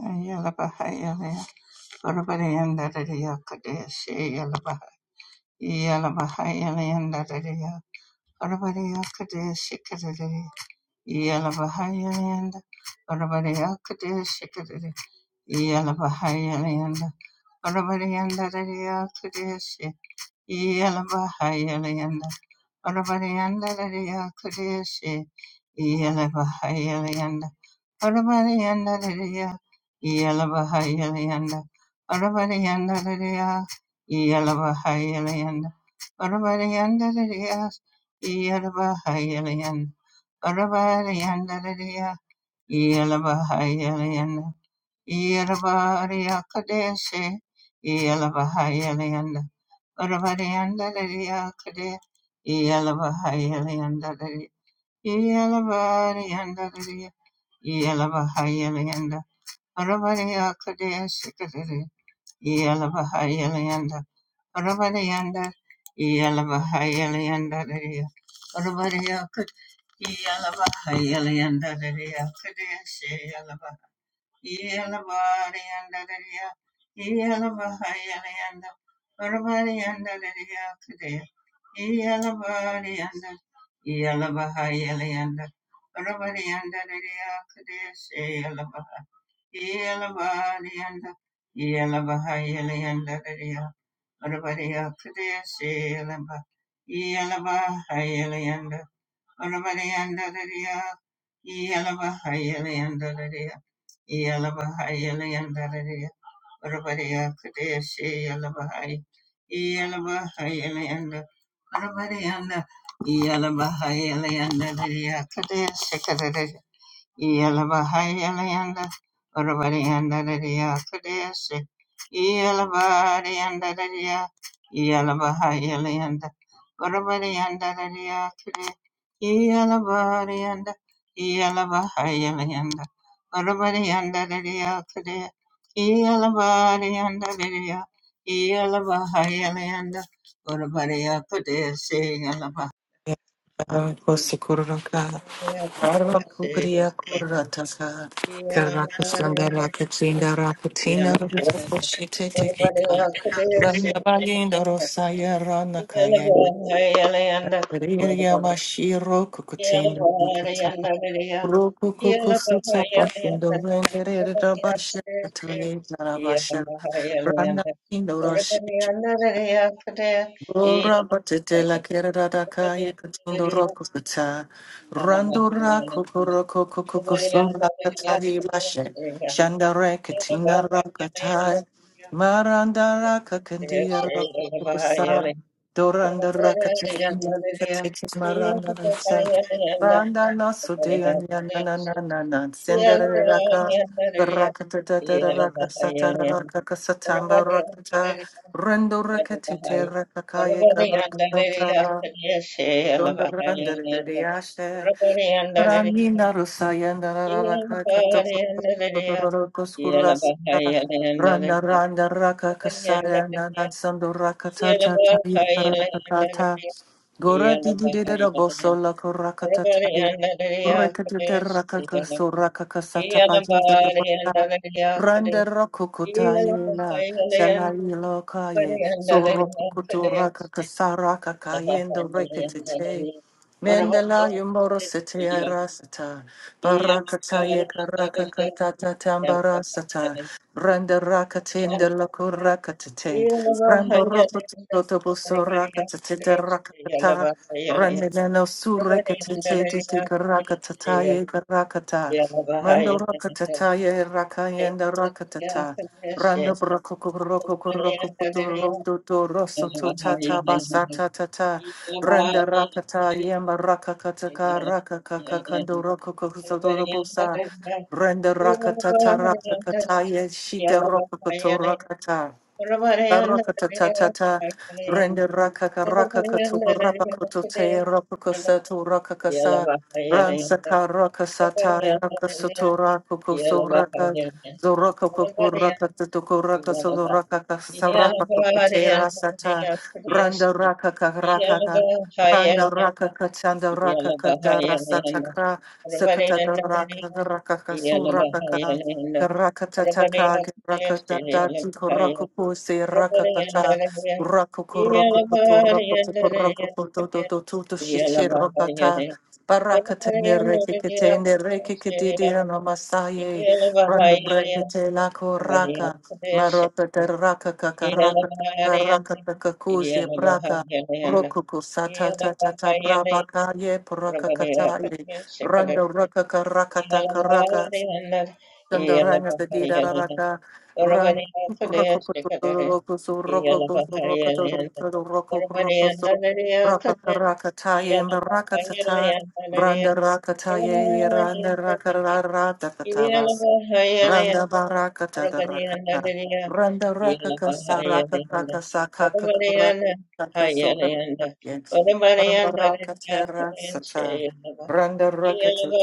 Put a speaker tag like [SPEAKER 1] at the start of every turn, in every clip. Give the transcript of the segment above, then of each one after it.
[SPEAKER 1] Yalabaha Yalaya Urabadianda Kadeshi Yalabaha Yalabaha Yalayanda Dadia Urabadia Kadeshi Kadadi Yalabaha Yalayanda Urabadia Kadeshi Kadadi Yalabaha Yalayanda Urabadianda Dadia Kadeshi Yalabaha Yalayanda Urabadianda Dadia Kadeshi Yalabaha Yalianda Arabariyandariya, Iyalabahayalayanda, Arabariyandariya, Iyalabahayalayanda, Arabariyandariya, Iyalabahayalayanda, Arabariyandariya, Iyalabahayalayanda, Iyalabariyakadeshe, Iyalabahayalayanda, Arabariyandariya, Kade, Iyalabahayalayanda, Yalabahayalanda, Yellow, Orabariandararia, Yalabahayaliandararia, Yalabahayaliandararia, Orabaria Kadeshi, Yalabahai, Yalabahayalianda, Orabarianda, Yalabahayaliandararia, Kadeshi Kadadi, Yelabahayalanda, Urabadiandadadiya Kadesi, Yelabadiandadadiya, Yelabahayalanda, Urabadiandadadiya Kadesi, Yelabadianda, Yelabahayalanda, Urabadiandadadiya Kadesi, Yelabadiandadadiya, Yelabahayalanda, Urabadiya Kadesi, Yelabahayalanda,
[SPEAKER 2] Kosukuraka, Arvakukuria kurataka.
[SPEAKER 1] Yeah.
[SPEAKER 2] Karakasandara Katinda Rakutina Rakoshitetekeka. Randabayinda rosaya ranakaya. Ria Mashiro Kukutin Kukuta Rokukukusuta bashindo renderera bashakataya zarabasha. Randa indo Ora batete la kerada da kaya katindo roko kata. Rando ra koko roko koko koso rakatari lashe. Shandare
[SPEAKER 1] Yeah.
[SPEAKER 2] katina rakatai. Maranda raka kandia roko kosa. Doranda rakatinda kateke maranda nsa. Randa naso de anyana na na na na. Sendere raka. Rakata da da da raka satara raka kasatamba rakata. Rendo rakatete rakakaya karakatata. Sonda randa de de Ranina Rusayana Raka Katapurukurasa Rana Rana Raka Kasaya Nansando Raka Tata Taya Karaka Kata Gora Didi Dida Bosola Koraka Tataya Rekatute Raka Kaso Raka Kasata Pajita Tapata Randa Rokukutayela
[SPEAKER 1] Yeah.
[SPEAKER 2] Salai Lokaye Sorokukutu Raka Kasaraka Kayendo Rekatite Mendela yumoro sete arasata, barakata ye karaka katata tambarasata, randa rakatinda la kurakatate,
[SPEAKER 1] Yeah.
[SPEAKER 2] ramba rototo buso rakatate de rakata, randinano surekatite dite karakatata ye karakata, mando rakatata ye rakayenda rakatata, Randa broko koroko koroko kutorondo toroso to tata basata tata randa rakata yema rakakata ka rakakaka kando roko kokusodo bosa randa rakata rakakata ye shita roko to rakata. Barakatatata, Rende Rakaka
[SPEAKER 1] Yalla
[SPEAKER 2] Rakakatu, Rapakutu, Rapakusatu, Rakakasa, Ransaka Rakasata, Rakasutu, Rakukusu, Raka, Zorokakuku, Rakatuku, Rakasu, Rakakasa, Rapakute, Rasata, Randa Rakaka Rakaka. Randa raka kachanda raka kada rasa chakra sakata raka raka kasu raka Karakataka, Rakatata, Tikorakopo, say Rakatata, Rakokorokopoto, Rakotoko, Rakopoto, Dodo, Toto,
[SPEAKER 1] Yeah.
[SPEAKER 2] Shichi, Rakata, Barakatane, Rekikatane, Rekikadidi, and Amasaye, Run the Brekete, Lako, Raka, Marakata, Rakaka, Rakata, Rakataka, Kuzi, Braka, Rokoko, Sata, Tata, Brabakaye, Parakakataye, Randa, Rakaka, Rakata, Karaka, Shanda ranga de dira rata randa roko roko so roko so roko to roko roko so raka raka ta ye raka ta ta randa raka ta ye randa raka rata ta Randa baraka tada rakata. Randa rakaka saraka raka saka kakuraka saka suraka yes. Randa rakata rasata. Randa rakata.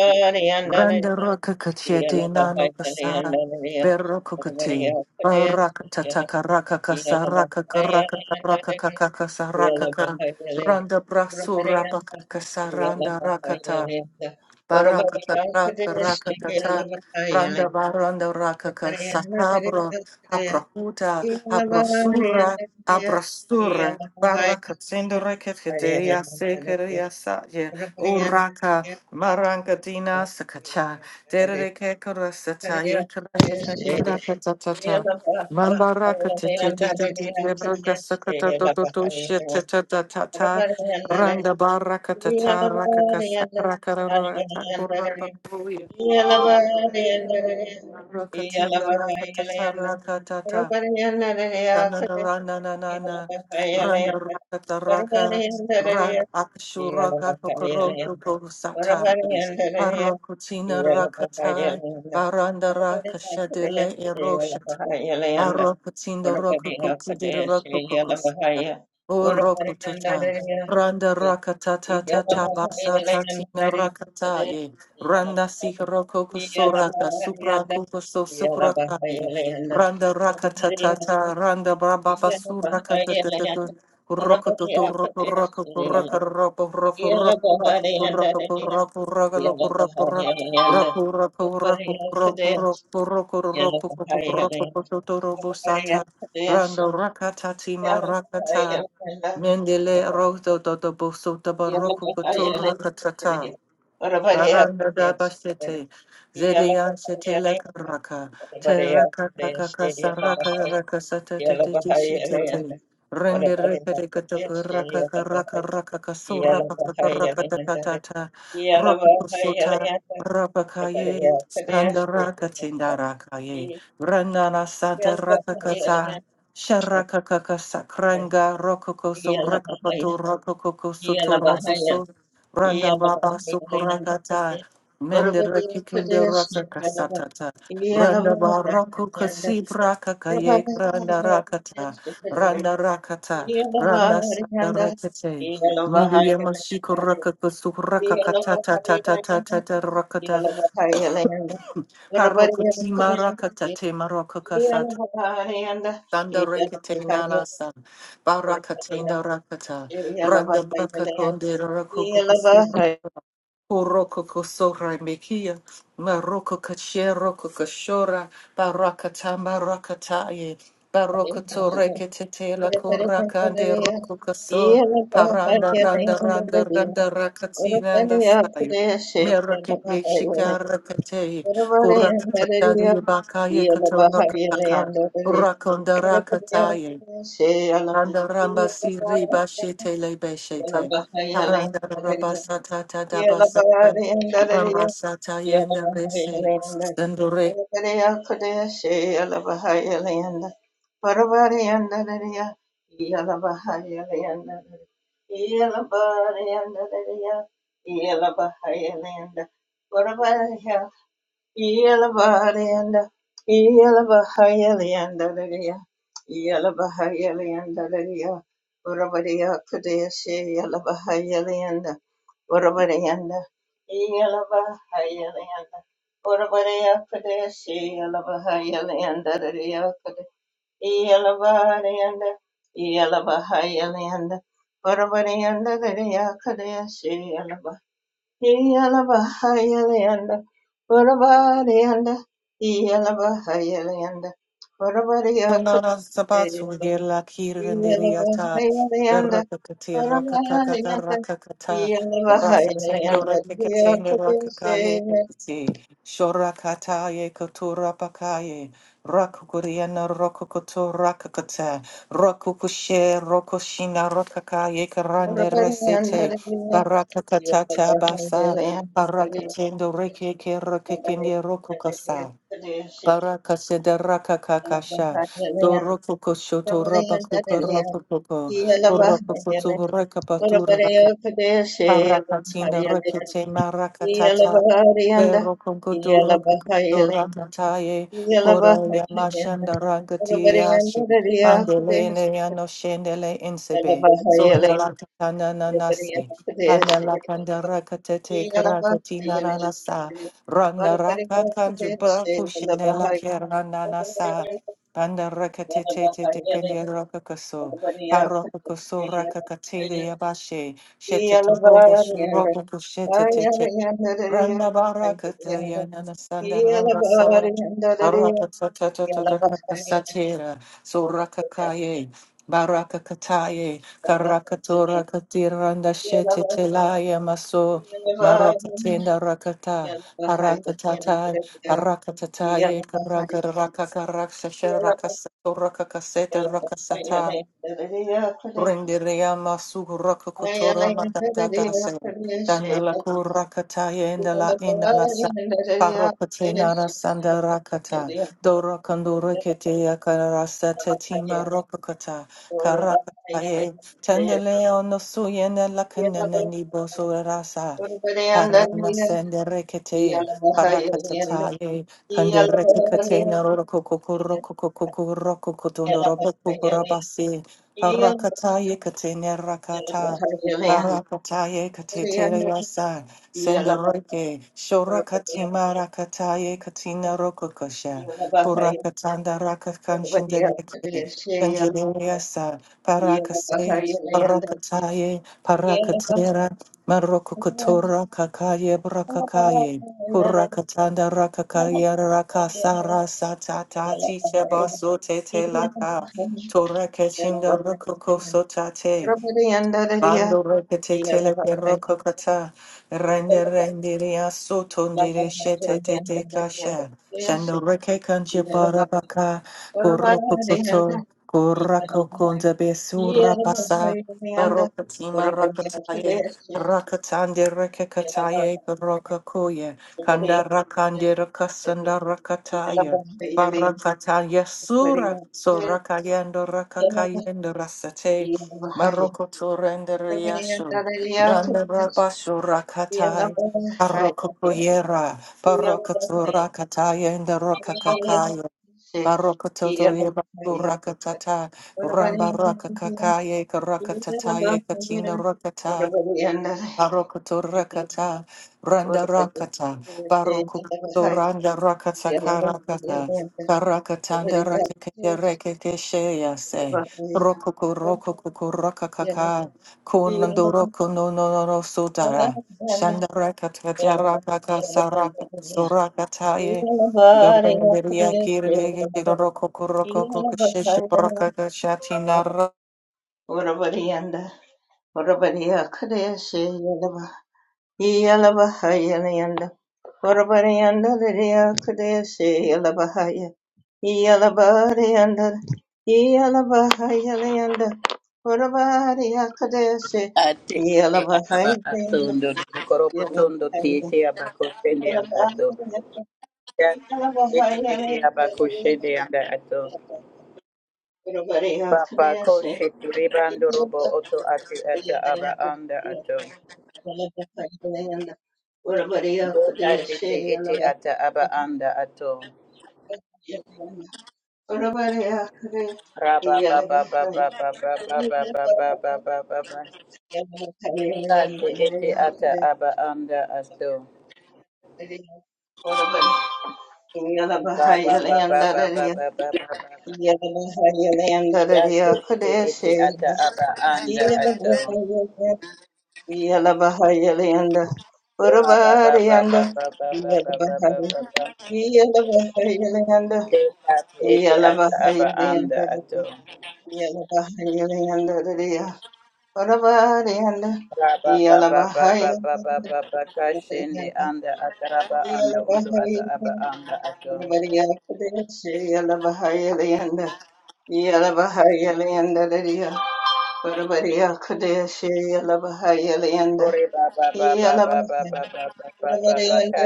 [SPEAKER 2] Randa rakaka chete nano kasa. Berro kukati. Barakata
[SPEAKER 1] Yeah.
[SPEAKER 2] takaraka
[SPEAKER 1] Yeah,
[SPEAKER 2] kasaraka karaka taraka kakaka saraka ka. Randa brasu rapaka kasaranda rakata. Barakata raka rakatata randa baranda rakaka sahabro abrahuta abrasura abrasura barakatsendo reketeria sekeria saye uraka marankatina sakacha dereke korasata yekraka rakatata Mambaraka tete tete tete braka sakata toto shete tata
[SPEAKER 1] Yeah. Ora
[SPEAKER 2] tata
[SPEAKER 1] pari
[SPEAKER 2] Randa barakatata rakakasa rakararata korapapuya rakatina rakatata rakatata sanana rana na na na randa rakata raka ra akshuraka kokoroto kosata yes parakutina rakata baranda rakashadele eroshata Barokutinda rokukuti O
[SPEAKER 1] yanda
[SPEAKER 2] Rokotata, Randa
[SPEAKER 1] dariya, yeah,
[SPEAKER 2] Rakatata Tata Basa Tatina Rakataye, Randa Sikarokoko Soraka, Supra Kokoso Sukrakaye, Randa Rakatata, Randa Brababa Surakata, Rokototo Roko Roko Roko Roko Roko Roko Roko Roko Roko Roko Roko Roko Roku roku roku roku roku roku roku roku roku roku roku roku sata rando rakata tima rakata Mendele rodo dodo boso daba roku koto rakatata. Paranda basete, zedian sete la karaka, teraka kaka saraka raka satata shitete, rende repere kataka raka karaka raka kasura pakaka raka takatata, prokusuta, rapakaye, randa raka tindarakaye, randana santa raka kata, sharaka kaka sakranga, rokoko so rakapatu rokoko soto roposo
[SPEAKER 1] Yeah.
[SPEAKER 2] Randa baba sukurakata. Mende reki kinde raka kasatata. Randa baraku kasib rakakaye, randa rakata. Randa rakata. Randa sanda rakete. Mili yema shiku raka kusu raka katata tata tata tata rakata. Paroku tima rakata te maroku Sanda rekete nana san. Barakate na rakata. Randa braka konde rakuku kusu Kuroko kosora mekia, maroko kachero kokoshora, barakata marakataye, baroko toreke tetela
[SPEAKER 1] Yeah.
[SPEAKER 2] koraka de roko koso, paranda randa randa randa rakatina and asayo. Merake meshikara kate, kuraka kataye bakaya katora kakaka, rakonda rakataye. Randa ramba si riba shete Andaramba siri bashite le beshite. Parandarabasata
[SPEAKER 1] Yeah.
[SPEAKER 2] tadabasata. Rambasata yende resi.
[SPEAKER 1] Yelabarianda, Yelabahayeliandalaria, Yelabahayeliandalaria, Urabaria Kadeshi, Yelabahayelianda, Urabarianda, Yelabahayelianda, Urabaria Kadeshi, Yelabahayeliandalaria, Yelabarianda, Yelabahayelianda, Urabarianda, Kadeshi, Yalabahayalayanda, Varabadayanda, Yalabahayalayanda, Varabadayakate,
[SPEAKER 2] Sonara sabatsu yela kirendeliata
[SPEAKER 1] Yalabahayalayanda,
[SPEAKER 2] berakakati rakatakata
[SPEAKER 1] Varabadayanda,
[SPEAKER 2] rakakata rakatendo
[SPEAKER 1] Yalabahayalayanda,
[SPEAKER 2] retikatende
[SPEAKER 1] Yakate,
[SPEAKER 2] rakakaye kati Shorakataye ye kotura pakaye rakukuriana rokokoto rakakata rakukushe rokoshina rakakaye karande
[SPEAKER 1] Varabadayanda,
[SPEAKER 2] resete barakakatata basa
[SPEAKER 1] Yalabahayalayanda,
[SPEAKER 2] barakatendo rekeke rokokenye rokokasa Baraka sedaraka kakasha.
[SPEAKER 1] Yakate,
[SPEAKER 2] Doroko koshoto rabaku
[SPEAKER 1] Varabadayanda,
[SPEAKER 2] rabakukarakuko. Boroko
[SPEAKER 1] Yalabaharyana,
[SPEAKER 2] koto reka
[SPEAKER 1] Urabariya Padeshe,
[SPEAKER 2] Parakatina rakete marakatata.
[SPEAKER 1] Yalabaharyana,
[SPEAKER 2] Vero
[SPEAKER 1] Yalabaharyana,
[SPEAKER 2] kogodo rokogodo
[SPEAKER 1] Yalabaharyana,
[SPEAKER 2] rakataye. Kora
[SPEAKER 1] Yalabaharyana,
[SPEAKER 2] yamashanda ragati
[SPEAKER 1] Urabariyanda
[SPEAKER 2] yashi.
[SPEAKER 1] Rariya Padeshe,
[SPEAKER 2] Pandelene yano shendele insebe.
[SPEAKER 1] Yalabaharyana,
[SPEAKER 2] Sondala katana
[SPEAKER 1] Urabariya
[SPEAKER 2] nanase.
[SPEAKER 1] Padeshe,
[SPEAKER 2] Pandala pandara katete karakatina
[SPEAKER 1] Yalabaharyana,
[SPEAKER 2] nanasa. Randa
[SPEAKER 1] Urabariya
[SPEAKER 2] raka kanju
[SPEAKER 1] Padeshe,
[SPEAKER 2] braku
[SPEAKER 1] Yalabaharyana,
[SPEAKER 2] shinela
[SPEAKER 1] Yalabaharyana,
[SPEAKER 2] kera nanasa. Pandara katete
[SPEAKER 1] Urabariya
[SPEAKER 2] te dekende rokokoso. Parokokoso
[SPEAKER 1] Padeshe,
[SPEAKER 2] rakakate de yabashe. Shete to robo
[SPEAKER 1] Yalabaharyana,
[SPEAKER 2] shurobo
[SPEAKER 1] Yeah.
[SPEAKER 2] kushete te Randa baraka te na sanda randa sa. Baraka tata tata tata ta satira. Suraka kaye. Baraka kataye. Karaka tora kati randa shete te maso. Maraka tenda rakata. Baraka tata. Baraka tataye. Karaka raka karaka shashe raka sato raka kasete raka sata. Renderea masu raka kotora matata se. Dana la kurakata yenda la ina la sa. Parapate nara sanda rakata. Dora kandura kete ya karasa tetima ropakata.
[SPEAKER 1] Yeah.
[SPEAKER 2] Karakata ye. Tendele ono suyene la kanene ni boso rasa. Paramasende rekete. Parakatata ye. Kanderekate na rokokoko rokokoko rokokotondorobo kukurabasi. Parakataye katene rakata. Barakataye katetere yasa. Senderoke. Shorakatima rakataye katina rokokosha. Kurakatanda rakakanshendereke. Kanjereyasa. Parakase. Parakataye. Parakatera. Marokokotora kakaye brakakaye. Kurakatanda rakakaya rakasara satata tiche baso tete
[SPEAKER 1] Yeah.
[SPEAKER 2] laka. Tora keshindo rokoko sotate. Bando rekete tele perro kokata rende rende ria soto ndire shete te te kasha shando reke kanje barabaka korro kokoto korra kokonda besura pasa Barokatima rakataye rakatande reke kataye baroka koye kanda rakande rakasanda rakataye barakataye sura sorakayendo rakakayendo rasate Maroko to render Marokoto rendereyasho, randerabasho
[SPEAKER 1] Yeah.
[SPEAKER 2] rakatai, arokopuyera, to rakatai and the rokakakaya, barokoto yebasho rakatata, ramba rakakakaya, karakatataye, katina rakata, Barokoto rakata, Randa Rakata, Barokuto Randa Rakata Karakata, Karakatanda Rakete Rekete Shea Se, rokoko, Rokoku Rakakaka, Kunando Roko no no no no Sudara, Shanda Rakata Jarakaka Saraka Sorakataye, Dorangeriaki rokoko rokoko Shesh Rakaka Shatina
[SPEAKER 1] Urabariyanda, Urabariya Kadeshe Yalaba, Yalabaha Yalayanda, Urabariyanda Lidia Kadeshe Yalabahaya, Yalabariyanda, Yalabaha Yalayanda, Urabariya Kadeshe
[SPEAKER 3] Ate ete
[SPEAKER 1] Yalabaha
[SPEAKER 3] araba
[SPEAKER 1] Yalayanda,
[SPEAKER 3] atondo korobo tondo ti
[SPEAKER 1] Yalabahaya,
[SPEAKER 3] ete aba koshende aba ato. Ya
[SPEAKER 1] Yalabaha
[SPEAKER 3] ete ete aba
[SPEAKER 1] Yalayanda,
[SPEAKER 3] koshende aba ato.
[SPEAKER 1] Urabariya
[SPEAKER 3] Papa
[SPEAKER 1] Kadeshe
[SPEAKER 3] koshe ribando robo
[SPEAKER 1] Yalabaha
[SPEAKER 3] oto ate ata aba
[SPEAKER 1] Yalayanda.
[SPEAKER 3] anda ato.
[SPEAKER 1] Yalla
[SPEAKER 3] Bota ate te ete ata aba anda ato. Raba ba ba ba ba ba ba ba Ate ete ata aba anda ato. Ba ba ba ba ba ba ba ba ba ba. Dati ete ete ata aba anda ato. Ora ba ba ba ba ba ba ba ba ba ba ba ba. De ate ata aba
[SPEAKER 1] Yalabahayalanda,
[SPEAKER 3] anda ato.
[SPEAKER 1] Yalabahayalanda,
[SPEAKER 3] Ra ba ba ba ba ba ba ba ba ba ka anda ata raba ando oto ata aba anda ato.
[SPEAKER 1] Yalabahayalanda,
[SPEAKER 3] Ore ba ba ba ba ba ba ba ba ba ba ba ba ka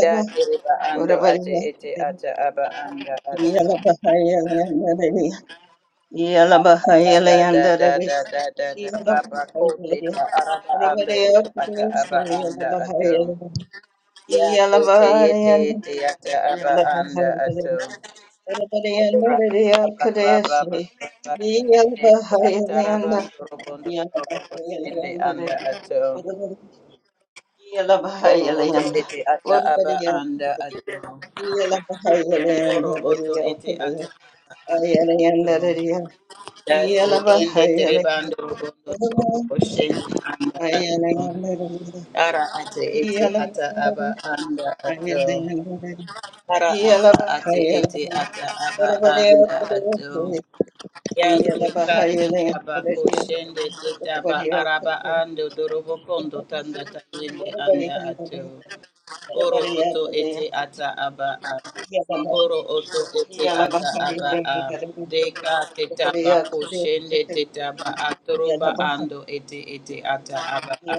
[SPEAKER 3] Dati riba ando ate ete ata aba anda ato. da da da da da da da
[SPEAKER 1] Yalaba,
[SPEAKER 3] baba kote ta araba ando oto ata aba anda ato ya kote yete yete ata aba anda ato Ora baba baba baba baba ataraba torobondo torobo sende anda ato oro oto ete ata aba anda ato oro oto ete ata aba anda ato Datu ende terebando robondo trobo koshende anda ato. Ara ate ete ata aba anda
[SPEAKER 1] Yeah,
[SPEAKER 3] ato. Ara ata ate ete ata aba anda ato. Ya tuka tuka ba koshende tuta ba araba ando dorobo kondo tanda tayende anda ato. Oro oto ete ata aba a. Oro oto ete ata aba a. Deka tetaba kushende tetaba atoroba ando ete ete ata aba a.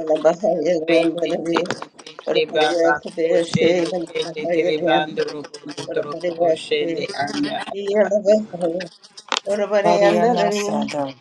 [SPEAKER 3] Rete tete tete baba kushende tete terebando rubundo torobo kushende anda ata.
[SPEAKER 2] Ariana Sanda,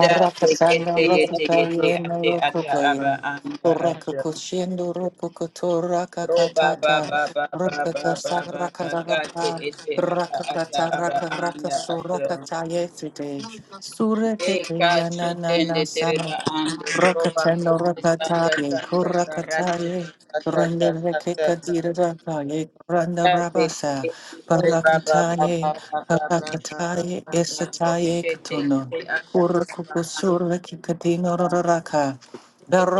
[SPEAKER 3] Da tekete yete yete
[SPEAKER 2] Rakutayen,
[SPEAKER 3] ate ata aba
[SPEAKER 2] Rokokoyen,
[SPEAKER 3] anda ata.
[SPEAKER 2] Rakakushindo, Rokokotora,
[SPEAKER 3] Roba ba
[SPEAKER 2] Kakatata,
[SPEAKER 3] ba ba ba ba ba
[SPEAKER 2] Rakakasa,
[SPEAKER 3] ba ba gati
[SPEAKER 2] Rakaraka,
[SPEAKER 3] ete ata ata
[SPEAKER 2] Rakakata,
[SPEAKER 3] aba
[SPEAKER 2] Rakaraka,
[SPEAKER 3] anda ato.
[SPEAKER 2] Surakataye today, Suratete,
[SPEAKER 3] Eka shutende
[SPEAKER 2] Yanana,
[SPEAKER 3] tereba anda roba
[SPEAKER 2] Rakatana
[SPEAKER 3] kusi sanda
[SPEAKER 2] rakataye,
[SPEAKER 3] sanda karata
[SPEAKER 2] korakataye,
[SPEAKER 3] tata
[SPEAKER 2] randa
[SPEAKER 3] tata tata. tata.
[SPEAKER 2] rekekadira rakaye, randa
[SPEAKER 3] Gati ete
[SPEAKER 2] rabasa,
[SPEAKER 3] ete tereba ba ba ba ba
[SPEAKER 2] parakataye,
[SPEAKER 3] ba ba ba ba
[SPEAKER 2] karakataye,
[SPEAKER 3] ba ba
[SPEAKER 2] esataye
[SPEAKER 3] kushete
[SPEAKER 2] katuno
[SPEAKER 3] ete ata aba anda
[SPEAKER 2] kurakukusura kikadino
[SPEAKER 3] ata.
[SPEAKER 2] raraka,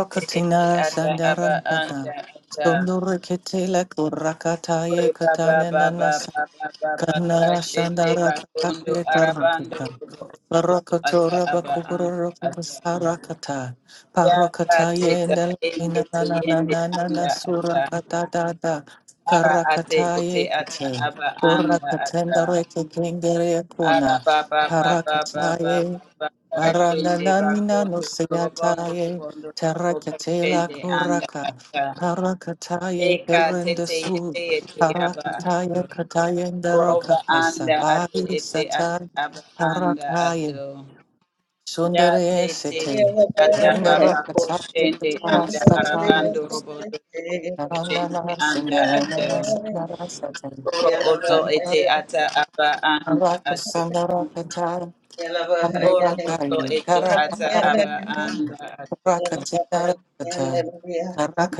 [SPEAKER 3] Ete ete ata aba anda
[SPEAKER 2] sandarantata,
[SPEAKER 3] ata.
[SPEAKER 2] sondura ketela kurakataye
[SPEAKER 3] Baba
[SPEAKER 2] katana
[SPEAKER 3] baba
[SPEAKER 2] Nana
[SPEAKER 3] baba baba
[SPEAKER 2] Karnara
[SPEAKER 3] kashende
[SPEAKER 2] Shandara
[SPEAKER 3] kakondo
[SPEAKER 2] Kakari
[SPEAKER 3] arabando
[SPEAKER 2] Karakaka
[SPEAKER 3] ata
[SPEAKER 2] Barakatora
[SPEAKER 3] aba anga
[SPEAKER 2] Bakuguru
[SPEAKER 3] ata
[SPEAKER 2] Sarakata
[SPEAKER 3] yaka
[SPEAKER 2] Parakata
[SPEAKER 3] teta
[SPEAKER 2] Yendel
[SPEAKER 3] ende teyende
[SPEAKER 2] Inanana
[SPEAKER 3] anda ata
[SPEAKER 2] Surakata Dada
[SPEAKER 3] ara ate
[SPEAKER 2] Karakata
[SPEAKER 3] ete ata
[SPEAKER 2] Yekachain
[SPEAKER 3] aba anda ata
[SPEAKER 2] Urakatenda Reka Gengere
[SPEAKER 3] ara
[SPEAKER 2] Puna
[SPEAKER 3] baba baba baba
[SPEAKER 2] Parakataye
[SPEAKER 3] baba kashende
[SPEAKER 2] Barananina
[SPEAKER 3] kakondo robondo
[SPEAKER 2] Nusayataye
[SPEAKER 3] robondo robo
[SPEAKER 2] Terakatela
[SPEAKER 3] kashende anda
[SPEAKER 2] Kuraka
[SPEAKER 3] ata
[SPEAKER 2] Parakataye
[SPEAKER 3] eka tete
[SPEAKER 2] Perendesu
[SPEAKER 3] yete yete aba ato
[SPEAKER 2] Parakataya
[SPEAKER 3] Roba
[SPEAKER 2] Katayendaraka
[SPEAKER 3] anda atu
[SPEAKER 2] Kasabari
[SPEAKER 3] ete ata
[SPEAKER 2] Satan
[SPEAKER 3] aba anda atu.
[SPEAKER 2] Parakaya
[SPEAKER 3] Ya te
[SPEAKER 2] Sundare
[SPEAKER 3] te
[SPEAKER 1] Yeah.
[SPEAKER 2] Sete
[SPEAKER 3] te tata baba
[SPEAKER 2] Rendarakataya
[SPEAKER 3] koshende anda
[SPEAKER 2] Katarasataya
[SPEAKER 3] arabando robo do- robo koshende
[SPEAKER 2] Karanana
[SPEAKER 3] anda atu.
[SPEAKER 2] Sindarana Sandara Satan
[SPEAKER 3] Oro oto ete ata aba anda
[SPEAKER 2] Anaraka
[SPEAKER 3] atu.
[SPEAKER 2] Sandara Katar
[SPEAKER 3] Oro oto
[SPEAKER 2] Anarakari
[SPEAKER 3] ete ata
[SPEAKER 2] Karanada
[SPEAKER 3] aba anda atu.
[SPEAKER 2] Rakatindara Katar